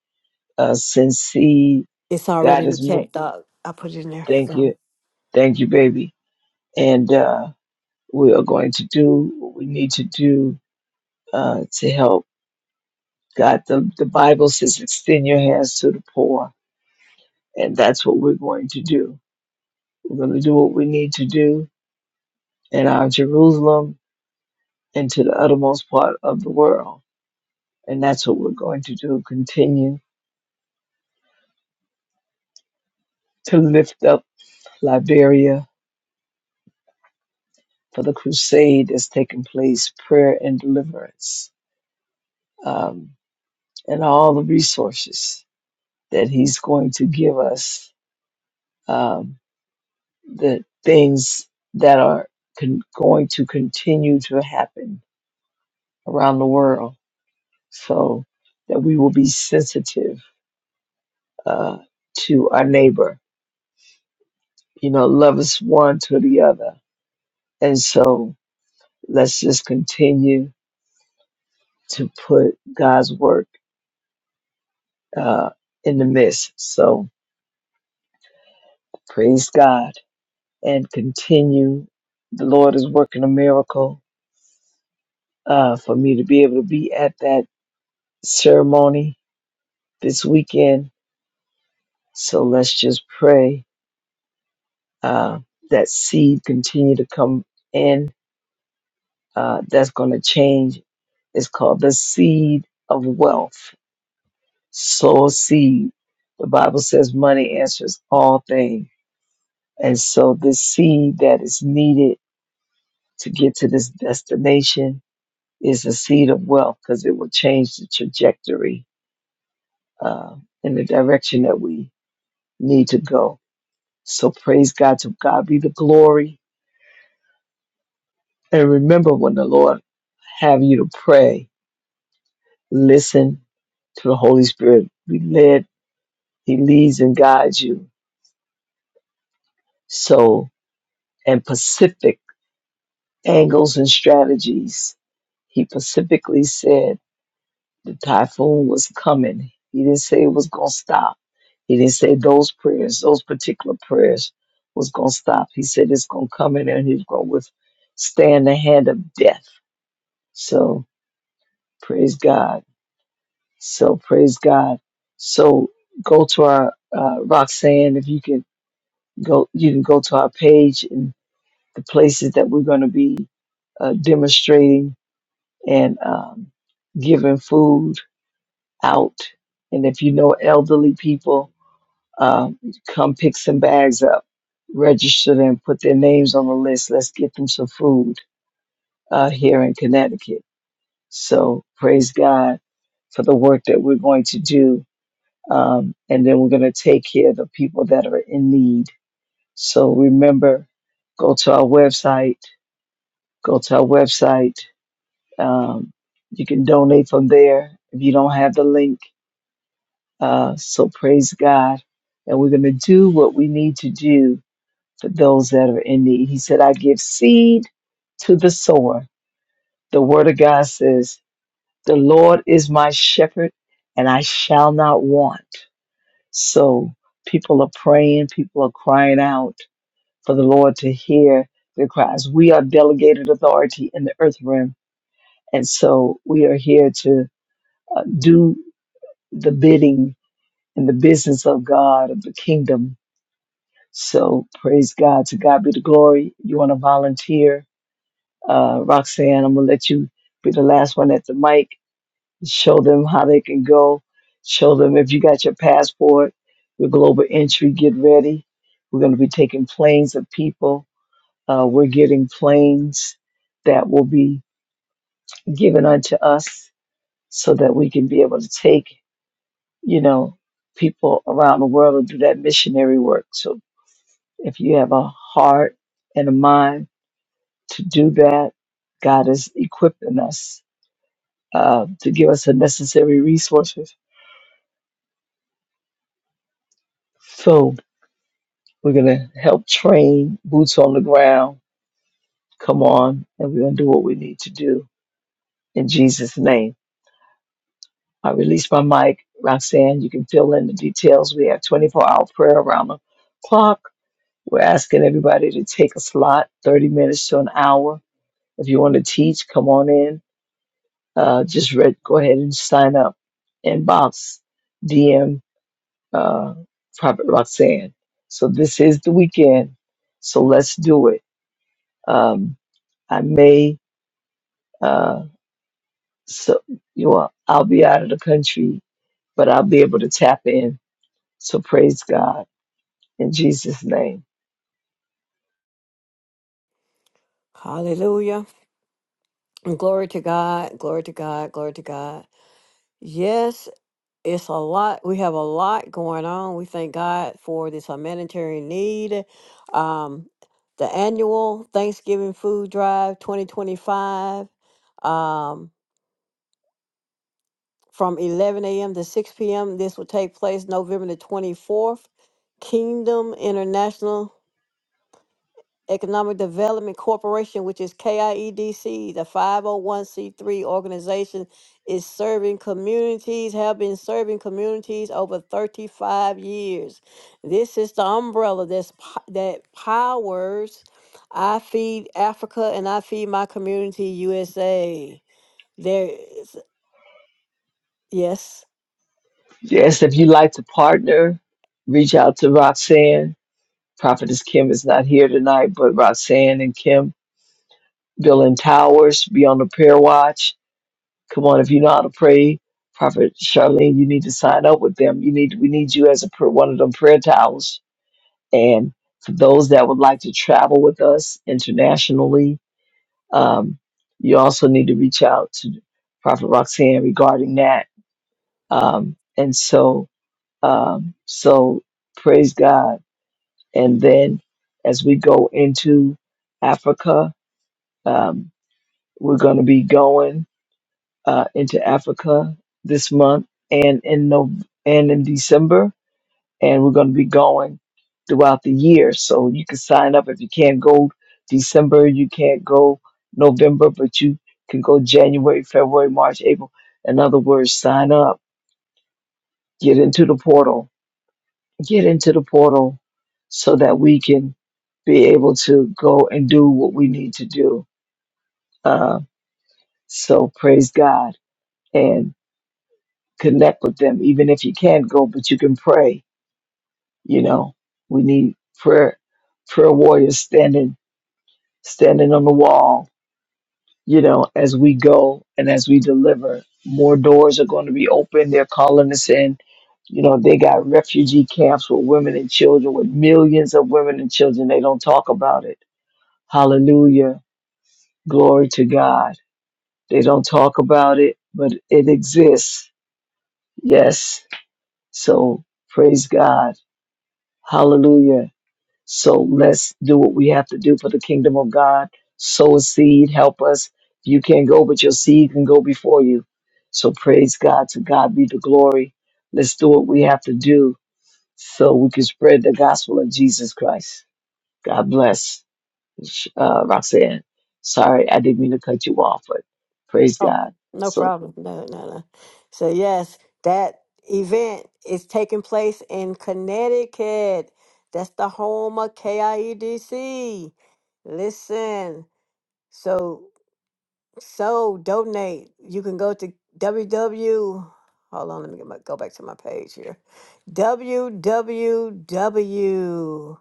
Speaker 3: uh, send seed,
Speaker 1: It's already
Speaker 3: God
Speaker 1: in the
Speaker 3: has moved.
Speaker 1: chat, Doc. I put it in there.
Speaker 3: Thank
Speaker 1: Um,
Speaker 3: you. Thank you, baby. And uh, we are going to do what we need to do uh, to help. God, the, the Bible says, extend your hands to the poor. And that's what we're going to do. We're going to do what we need to do in our Jerusalem and to the uttermost part of the world. And that's what we're going to do. Continue to lift up Liberia for the crusade that's taking place, prayer and deliverance, um, and all the resources that He's going to give us, um, the things that are con- going to continue to happen around the world, so that we will be sensitive uh, to our neighbor. You know, love is one to the other, and so let's just continue to put God's work. uh, in the midst. So praise God and continue. The Lord is working a miracle uh, for me to be able to be at that ceremony this weekend. So let's just pray uh, that seed continue to come in. Uh, that's going to change. It's called the seed of wealth. Sow a seed. The Bible says money answers all things. And so this seed that is needed to get to this destination is a seed of wealth because it will change the trajectory uh, in the direction that we need to go. So praise God. To God be the glory. And remember when the Lord have you to pray, listen to the Holy Spirit. Be led. He leads and guides you. So, and Pacific angles and strategies. He pacifically said, The typhoon was coming. He didn't say it was going to stop. He didn't say those prayers, those particular prayers was going to stop. He said it's going to come in there and he's going to withstand the hand of death. So praise God. So praise God. So go to our, uh, Roxanne, if you can go, you can go to our page and the places that we're going to be uh, demonstrating and um, giving food out. And if you know elderly people, Uh, come pick some bags up, register them, put their names on the list. Let's get them some food uh, here in Connecticut. So praise God for the work that we're going to do. Um, and then we're going to take care of the people that are in need. So remember, go to our website, go to our website. Um, you can donate from there if you don't have the link. Uh, so praise God. And we're going to do what we need to do to those that are in need. He said, I give seed to the sower. The word of God says, The Lord is my shepherd, and I shall not want. So people are praying, people are crying out for the Lord to hear their cries. We are delegated authority in the earth realm, and so we are here to uh, do the bidding and the business of God, of the kingdom. So praise God. To God be the glory. You want to volunteer? Uh, Roxanne, I'm going to let you be the last one at the mic. Show them how they can go. Show them if you got your passport, your global entry, get ready. We're going to be taking planes of people. Uh, we're getting planes that will be given unto us so that we can be able to take, you know, people around the world and do that missionary work. So if you have a heart and a mind to do that, God is equipping us uh, to give us the necessary resources. So we're going to help train boots on the ground. Come on, and we're going to do what we need to do in Jesus' name. I release my mic. Roxanne, you can fill in the details. We have 24 hour prayer around the clock. We're asking everybody to take a slot, 30 minutes to an hour. If you want to teach, come on in. Uh, just read, go ahead and sign up. Inbox, D M uh, Prophet Roxanne. So this is the weekend. So let's do it. Um, I may, uh, so you know, I'll be out of the country, but I'll be able to tap in. So praise God in Jesus' name.
Speaker 1: Hallelujah. Glory to God. Glory to God. Glory to God. Yes, it's a lot. We have a lot going on. We thank God for this humanitarian need. Um, the annual Thanksgiving food drive 2025. Um, from 11 a.m. to 6 p.m. This will take place November the 24th. Kingdom International Economic Development Corporation, which is KIEDC, the 501c3 organization, is serving communities, have been serving communities over 35 years. This is the umbrella that's, po- that powers I Feed Africa and I Feed My Community USA. There is, yes.
Speaker 3: Yes, if you'd like to partner, reach out to Roxanne. Prophetess Kim is not here tonight, but Roxanne and Kim, building towers, be on the prayer watch. Come on, if you know how to pray, Prophet Charlene, you need to sign up with them. You need we need you as a pr- one of them prayer towers. And for those that would like to travel with us internationally, um, you also need to reach out to Prophet Roxanne regarding that. Um, and so Um, so praise God. And then as we go into Africa, um, we're going to be going uh, into Africa this month and in Nov- and in December, and we're going to be going throughout the year. So you can sign up if you can't go December, you can't go November, but you can go January, February, March, April. In other words, sign up, get into the portal, get into the portal so that we can be able to go and do what we need to do. Uh, so praise God and connect with them, even if you can't go, but you can pray. You know, we need prayer, prayer warriors standing, standing on the wall. You know, as we go and as we deliver, more doors are going to be open. They're calling us in. You know, they got refugee camps with women and children, with millions of women and children. They don't talk about it Hallelujah. Glory to God. They don't talk about it, but it exists. Yes. So praise God. Hallelujah. So let's do what we have to do for the kingdom of God. Sow a seed, help us. You can't go, but your seed can go before you. So praise God. To God be the glory. Let's do what we have to do so we can spread the gospel of Jesus Christ. God bless. Sh- uh, Roxanne. Sorry, I didn't mean to cut you off, but praise
Speaker 1: Oh,
Speaker 3: God.
Speaker 1: no
Speaker 3: So
Speaker 1: problem. No, no, no. So, yes, that event is taking place in Connecticut. That's the home of KIEDC. Listen, so so donate. You can go to www. Hold on, let me get my, go back to my page here. www.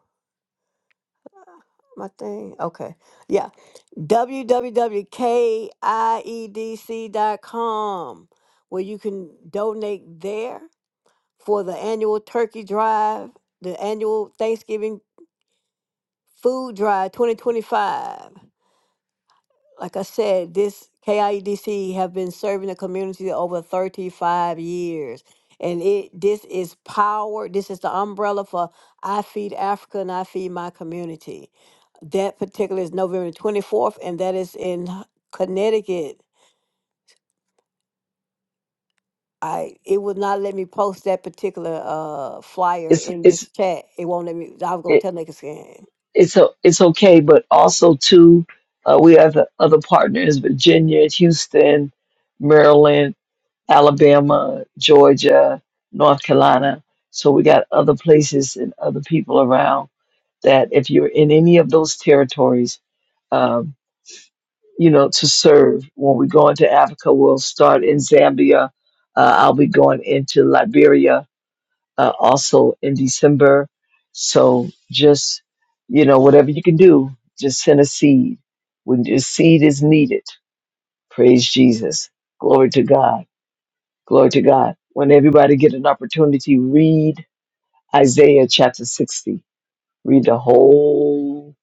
Speaker 1: My thing. Okay. Yeah, www.kiedc.com, where you can donate there for the annual turkey drive, the annual Thanksgiving food drive 2025. Like I said, this KIEDC have been serving the community over 35 years. And it this is power. This is the umbrella for I Feed Africa and I Feed My Community. That particular is November 24th, and that is in Connecticut. I it would not let me post that particular uh flyer
Speaker 3: it's
Speaker 1: in
Speaker 3: it's
Speaker 1: this chat. It won't let me. I was gonna
Speaker 3: it,
Speaker 1: tell niggas scan.
Speaker 3: it's o- it's okay, but also too, uh, we have the other partners: Virginia, Houston, Maryland, Alabama, Georgia, North Carolina. So we got other places and other people around that. If you're in any of those territories, um, you know, to serve. When we go into Africa, we'll start in Zambia. Uh, I'll be going into Liberia uh, also in December. So just, you know, whatever you can do, just send a seed. When your seed is needed, praise Jesus. Glory to God. Glory to God. When everybody get an opportunity, read Isaiah chapter 60. Read the whole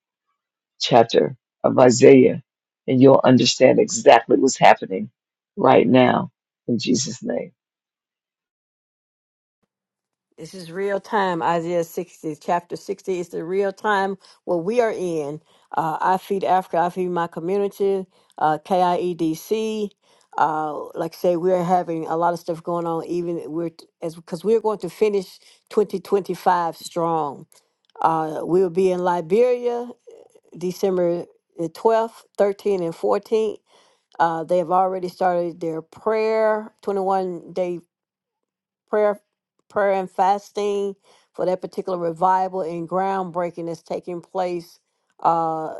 Speaker 3: chapter of Isaiah, and you'll understand exactly what's happening right now in Jesus' name.
Speaker 1: This is real time. Isaiah sixty, chapter sixty. It's the real time what we are in. Uh, I feed Africa. I feed my community. Uh, KIEDC. Uh, like I say, we're having a lot of stuff going on. Even we're t- as because we're going to finish 2025 strong. Uh, we'll be in Liberia December the 12th, 13th, and 14th Uh, they have already started their prayer, 21 day prayer, prayer and fasting for that particular revival and groundbreaking that's taking place. uh,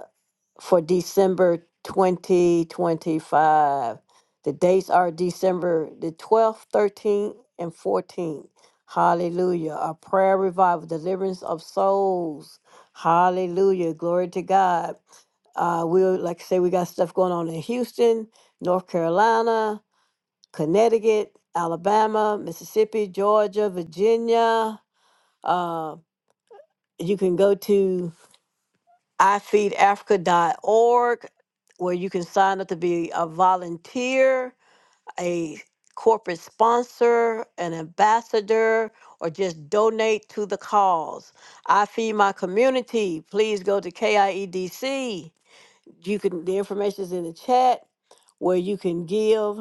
Speaker 1: for December 2025. The dates are December the 12th, 13th, and 14th. Hallelujah. A prayer revival, deliverance of souls. Hallelujah. Glory to God. Uh, we like I say we got stuff going on in Houston, North Carolina, Connecticut, Alabama, Mississippi, Georgia, Virginia. Uh, you can go to ifeedafrica.org, where you can sign up to be a volunteer, a corporate sponsor, an ambassador, or just donate to the cause. I feed my community. Please go to KIEDC. You can the information is in the chat where you can give.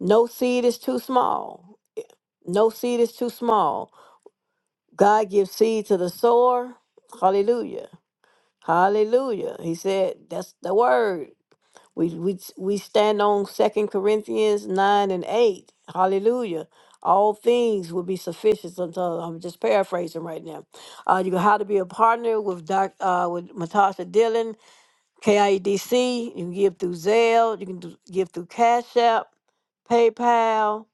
Speaker 1: No seed is too small. No seed is too small. God gives seed to the sower. Hallelujah. Hallelujah. He said, that's the word. We, we, we stand on Second Corinthians 9 and 8. Hallelujah. All things will be sufficient unto, I'm just paraphrasing right now. Uh, you can how to be a partner with Doc, uh, with Matasha Dillon, KIEDC. You can give through Zelle. You can do, give through Cash App, PayPal.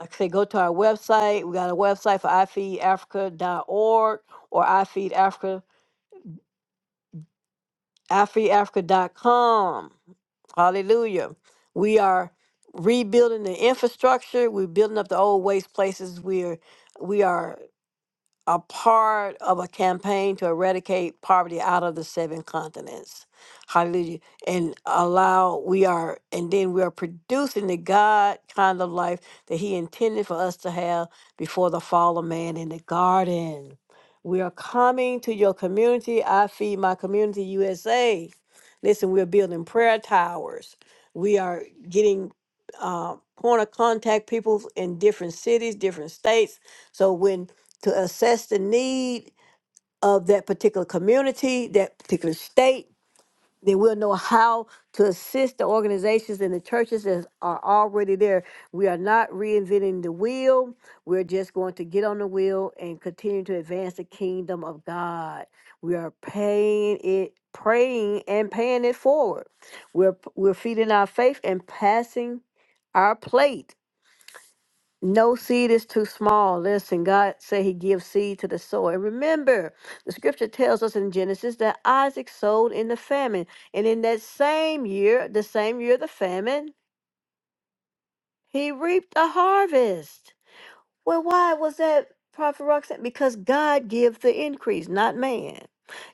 Speaker 1: Like I say, go to our website. We got a website for i feed africa dot org or ifeedafrica. AfriAfrica.com. Hallelujah. We are rebuilding the infrastructure. We're building up the old waste places. We are we are a part of a campaign to eradicate poverty out of the seven continents. Hallelujah. And allow, we are, and then we are producing the God kind of life that He intended for us to have before the fall of man in the garden. We are coming to your community. I feed my community USA. Listen, we're building prayer towers. We are getting uh, point of contact people in different cities, different states. So when to assess the need of that particular community, that particular state. Then we'll know how to assist the organizations and the churches that are already there. We are not reinventing the wheel. We're just going to get on the wheel and continue to advance the kingdom of God. We are paying it, praying and paying it forward. We're we're feeding our faith and passing our plate no seed is too small. Listen, God said He gives seed to the sower. And remember, the scripture tells us in Genesis that Isaac sowed in the famine. And in that same year, the same year of the famine, he reaped a harvest. Well, why was that, Prophet Roxanne? Because God gives the increase, not man.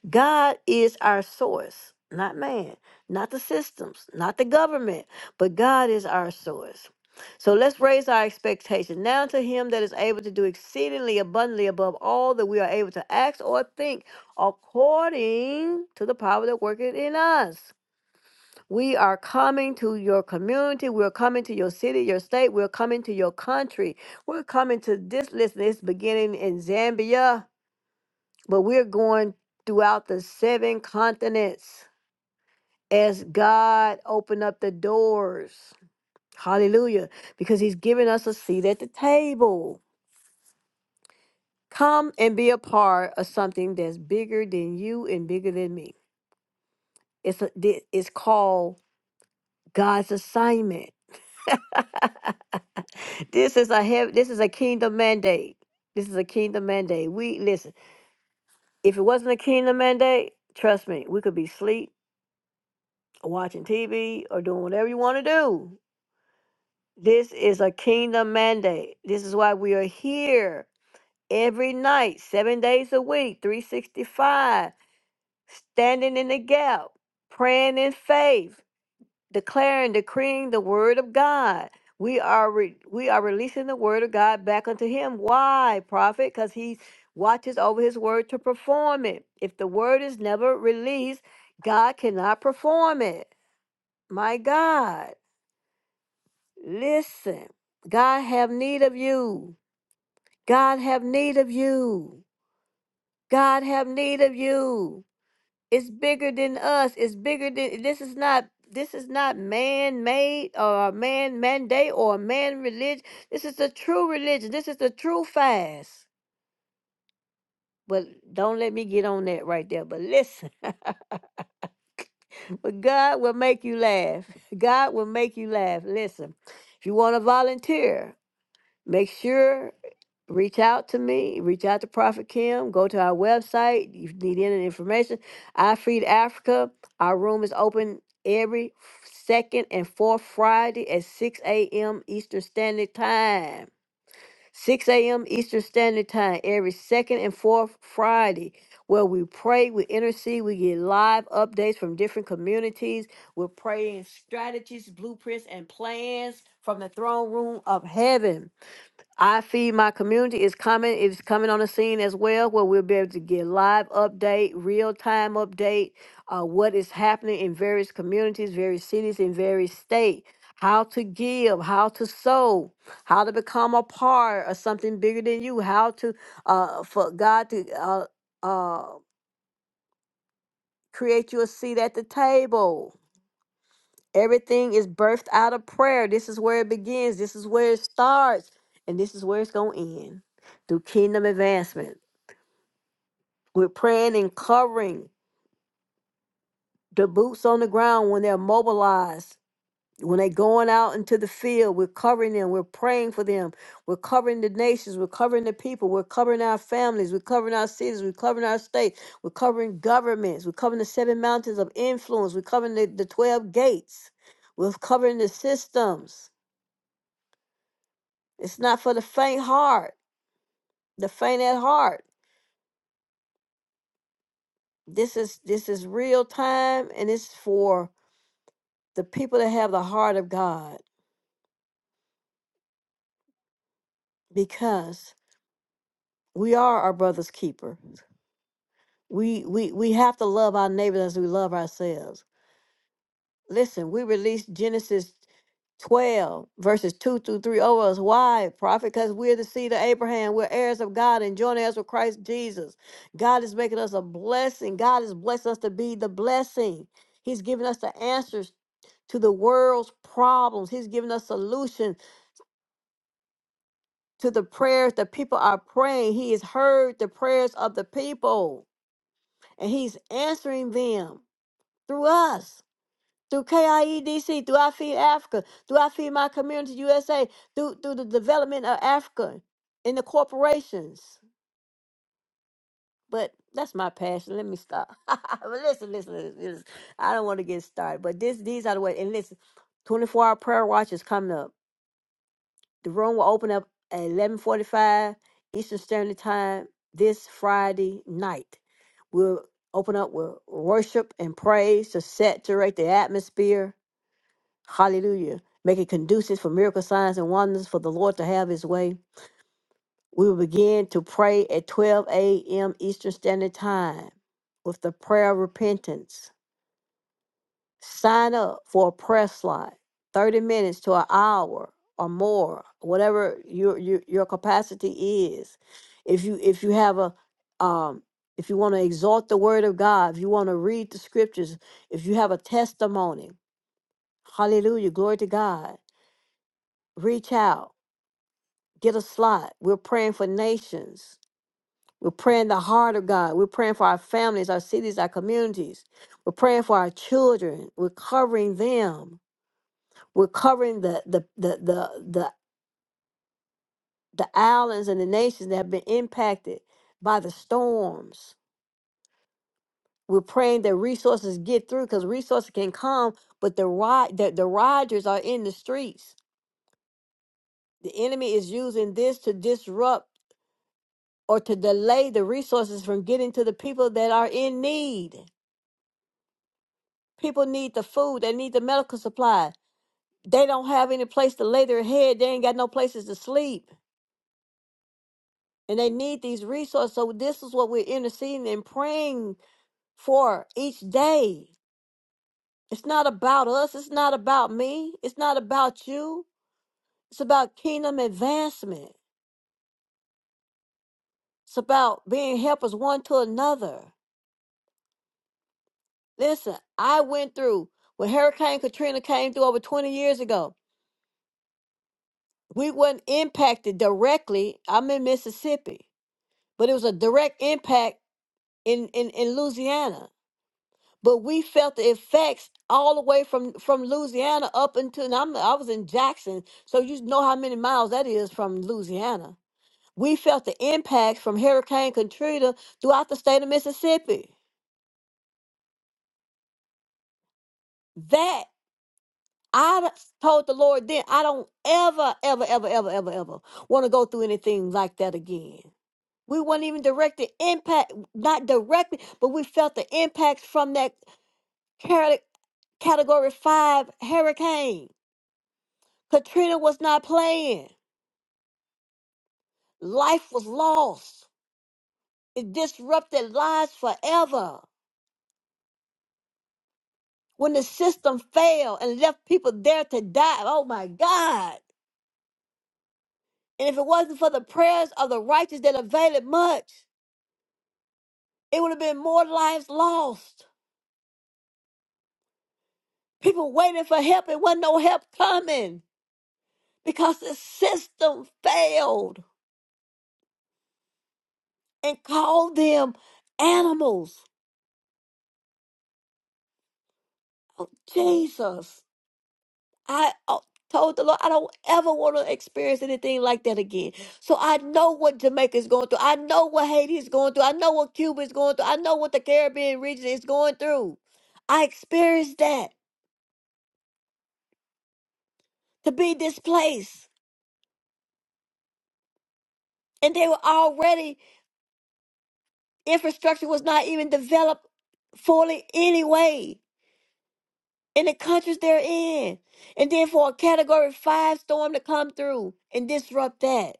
Speaker 1: God is our source, not man, not the systems, not the government, but God is our source. So let's raise our expectation now to Him that is able to do exceedingly abundantly above all that we are able to ask or think, according to the power that worketh in us. We are coming to your community. We're coming to your city, your state. We're coming to your country. We're coming to this. Listen, it's beginning in Zambia but we're going throughout the seven continents as God opened up the doors. Hallelujah. Because he's given us a seat at the table. Come and be a part of something that's bigger than you and bigger than me. It's a, thi- it's called God's assignment. this is a heav- this is a kingdom mandate. This is a kingdom mandate. We listen. If it wasn't a kingdom mandate, trust me, we could be asleep watching TV or doing whatever you want to do. This is a kingdom mandate. This is why we are here every night, seven days a week, 365, standing in the gap, praying in faith, declaring, decreeing the word of God. We are re- we are releasing the word of God back unto him. Why, prophet? Because he watches over his word to perform it. If the word is never released, God cannot perform it. My God. Listen, God have need of you. God have need of you. God have need of you. It's bigger than us. It's bigger than this is not this is not man-made or a man mandate or a man religion. This is the true religion. This is the true fast. But don't let me get on that right there. But listen, but God will make you laugh. God will make you laugh. Listen, if you want to volunteer, Make sure reach out to me, reach out to Prophet Kim, go to our website. If you need any information, I Feed Africa. Our room is open every second and fourth Friday at 6 a.m. Eastern Standard Time. 6 a.m. Eastern Standard Time every second and fourth Friday, where we pray, we intercede, we get live updates from different communities. We're praying strategies, blueprints, and plans from the throne room of heaven. I feed my community is coming is coming on the scene as well, where we'll be able to get live update, real time update, uh, what is happening in various communities, various cities, in various state. How to give, how to sow, how to become a part of something bigger than you, how to uh, for God to uh, uh, create you a seat at the table Everything is birthed out of prayer. This is where it begins. This is where it starts. And this is where it's going to end through kingdom advancement. We're praying and covering the boots on the ground when they're mobilized. When they're going out into the field, we're covering them. We're praying for them. We're covering the nations. We're covering the people. We're covering our families. We're covering our cities. We're covering our states. We're covering governments. We're covering the seven mountains of influence. We're covering the, the 12 gates. We're covering the systems. It's not for the faint heart, the faint at heart. This is this is real time and it's for the people that have the heart of God because we are our brother's keeper. We we we have to love our neighbors as we love ourselves. Listen, we release Genesis 12 verses 2 through 3 over us. Why, prophet? Because we're the seed of Abraham. We're heirs of God and joint heirs with Christ Jesus. God is making us a blessing. God has blessed us to be the blessing. He's given us the answers to the world's problems. He's given us solution to the prayers that people are praying. He has heard the prayers of the people and he's answering them through us. through KIEDC, through I Feed Africa, through I Feed My Community USA, through through the development of Africa in the corporations. But that's my passion. Let me stop. But listen, listen, listen, listen. I don't want to get started. But this, these are the ways. And listen, 24 hour prayer watch is coming up. The room will open up at 11:45 Eastern Standard Time this Friday night. We'll open up with worship and praise to saturate the atmosphere Hallelujah. Make it conducive for miracle signs and wonders for the Lord to have his way. We will begin to pray at 12 a.m. Eastern Standard Time with the prayer of repentance. Sign up for a prayer slot, 30 minutes to an hour or more, whatever your your, your capacity is. If you if you have a um if you want to exalt the word of God, if you want to read the scriptures, if you have a testimony, hallelujah, glory to God, reach out get a slot. We're praying for nations. We're praying the heart of God. We're praying for our families, our cities, our communities. We're praying for our children. We're covering them. We're covering the the the the the, the islands and the nations that have been impacted by the storms. We're praying that resources get through because resources can come, but the ride the, the riders are in the streets. The enemy is using this to disrupt or to delay the resources from getting to the people that are in need. People need the food, they need the medical supply. They don't have any place to lay their head, they ain't got no places to sleep, and they need these resources. So, this is what we're interceding and praying for each day. It's not about us, it's not about me, it's not about you, it's about kingdom advancement. It's about being helpers one to another. Listen, I went through when Hurricane Katrina came through over 20 years ago. we were not impacted directly. I'm in Mississippi, but it was a direct impact in, in, in Louisiana. But we felt the effects all the way from from Louisiana up until and I'm, I was in Jackson, so you know how many miles that is from Louisiana. We felt the impacts from Hurricane Katrina throughout the state of Mississippi. That I told the Lord then, I don't ever, ever, ever, ever, ever, ever want to go through anything like that again. We weren't even directly impact, not directly, but we felt the impacts from that cate- category five hurricane. Katrina was not playing. Life was lost. It disrupted lives forever. When the system failed and left people there to die. Oh my God. And if it wasn't for the prayers of the righteous that availed much, it would have been more lives lost. People waiting for help and wasn't no help coming. because the system failed and called them animals. Oh, Jesus. I uh, told the Lord, I don't ever want to experience anything like that again. So I know what Jamaica is going through. I know what Haiti is going through. I know what Cuba is going through. I know what the Caribbean region is going through. I experienced that to be displaced. And they were already, infrastructure was not even developed fully anyway. in the countries they're in. And then for a category five storm to come through and disrupt that.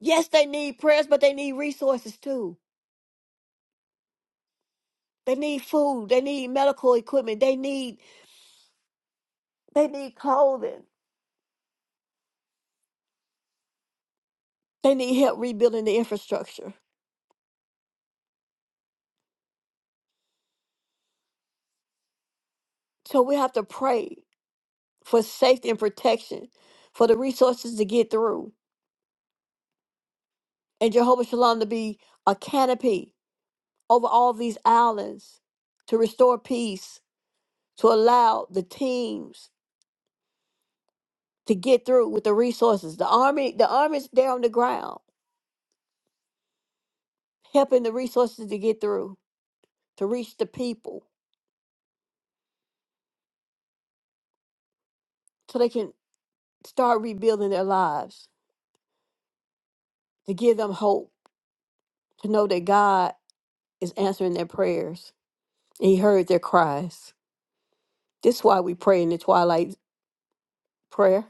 Speaker 1: Yes, they need prayers, but they need resources too. They need food. They need medical equipment. They need they need clothing. They need help rebuilding the infrastructure. So we have to pray for safety and protection, for the resources to get through, and Jehovah Shalom to be a canopy over all these islands to restore peace, to allow the teams to get through with the resources. The army, the army's there on the ground, helping the resources to get through, to reach the people, so they can start rebuilding their lives, to give them hope, to know that God is answering their prayers. and He heard their cries. This is why we pray in the twilight prayer.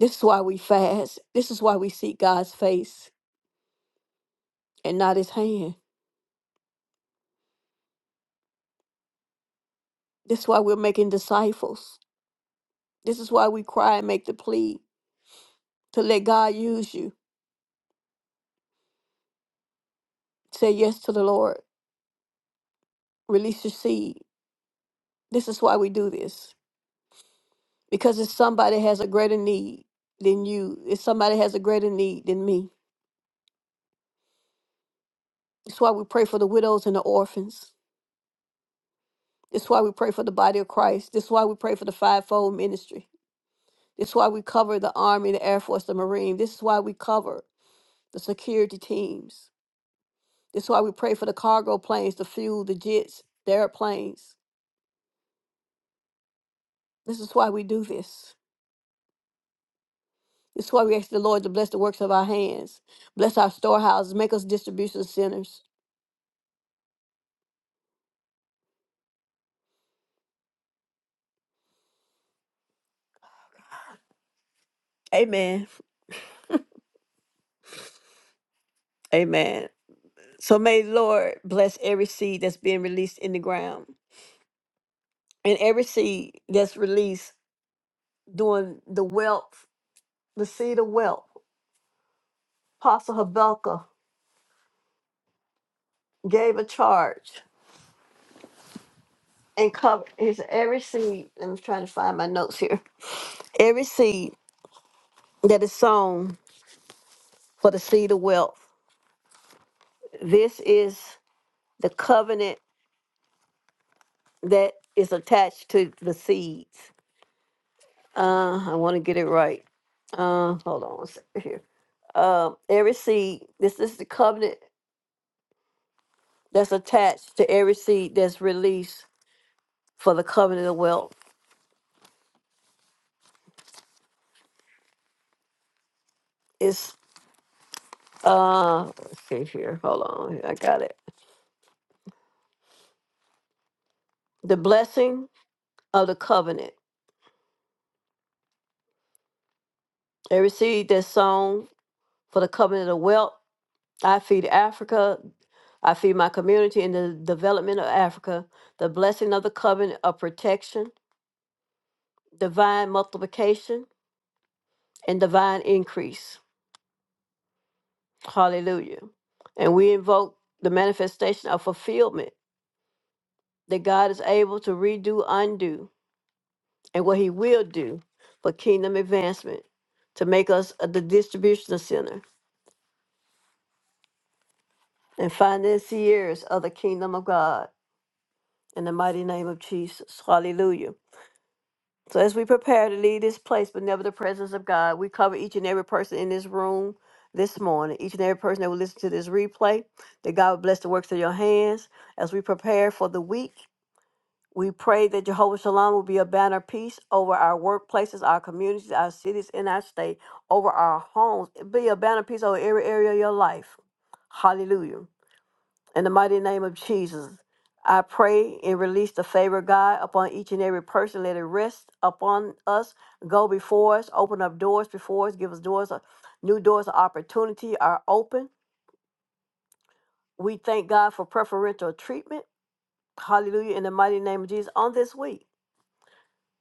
Speaker 1: This is why we fast. This is why we seek God's face and not his hand. This is why we're making disciples. This is why we cry and make the plea to let God use you. Say yes to the Lord release your seed. This is why we do this. Because if somebody has a greater need than you, if somebody has a greater need than me, it's why we pray for the widows and the orphans. It's why we pray for the body of Christ. This is why we pray for the fivefold ministry. This is why we cover the Army, the Air Force, the Marine. This is why we cover the security teams. This is why we pray for the cargo planes, the fuel, the jets, the airplanes. This is why we do this. That's why we ask the Lord to bless the works of our hands, bless our storehouses, make us distribution centers. Amen. Amen. So may the Lord bless every seed that's being released in the ground and every seed that's released during the wealth, the seed of wealth. Apostle Habakkuk gave a charge and covered his every seed. I'm trying to find my notes here. Every seed that is sown for the seed of wealth. This is the covenant that is attached to the seeds. Uh, I want to get it right. Uh, hold on one second here. Uh, every seed, this is the covenant that's attached to every seed that's released for the covenant of wealth. It's, uh, let's see here. Hold on. I got it. The blessing of the covenant. Every seed that's sown for the covenant of wealth. I feed Africa. I feed my community in the development of Africa. The blessing of the covenant of protection divine multiplication and divine increase. Hallelujah. And we invoke the manifestation of fulfillment that God is able to redo, undo, and what He will do for kingdom advancement to make us a- the distribution center and financiers of the kingdom of God in the mighty name of Jesus. Hallelujah. So as we prepare to leave this place, but never the presence of God, we cover each and every person in this room this morning, each and every person that will listen to this replay, that God will bless the works of your hands. As we prepare for the week, we pray that Jehovah Shalom will be a banner of peace over our workplaces, our communities, our cities, and our state, over our homes. Be a banner of peace over every area of your life. Hallelujah. In the mighty name of Jesus, I pray and release the favor of God upon each and every person. Let it rest upon us, go before us, open up doors before us, give us doors, of- new doors of opportunity are open. We thank God for preferential treatment. Hallelujah. In the mighty name of Jesus on this week.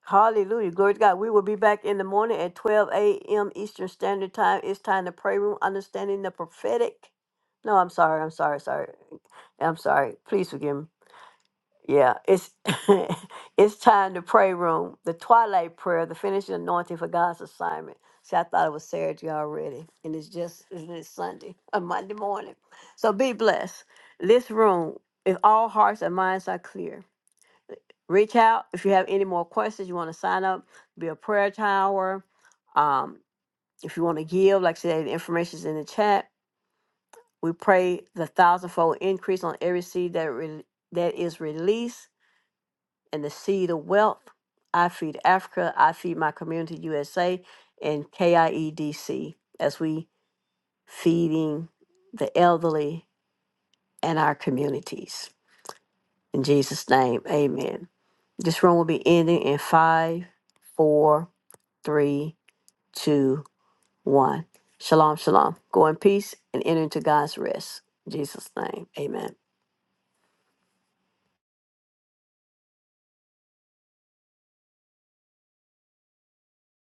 Speaker 1: Hallelujah. Glory to God. We will be back in the morning at 12 a.m. Eastern Standard Time. It's time to pray room, understanding the prophetic. No, I'm sorry. I'm sorry. Sorry. I'm sorry. Please forgive me. Yeah, it's it's time to pray room, the twilight prayer, the finishing anointing for God's assignment. See, I thought it was Saturday already, and it's just isn't it Sunday or Monday morning. So be blessed. This room, if all hearts and minds are clear, reach out if you have any more questions. You want to sign up, be a prayer tower. Um, if you want to give, like I said, the information is in the chat. We pray the thousandfold increase on every seed that re- that is released and the seed of wealth. I feed Africa, I feed my community USA and KIEDC as we feeding the elderly and our communities. In Jesus' name, amen. This room will be ending in five, four, three, two, one. Shalom, shalom. Go in peace and enter into God's rest. In Jesus' name, amen.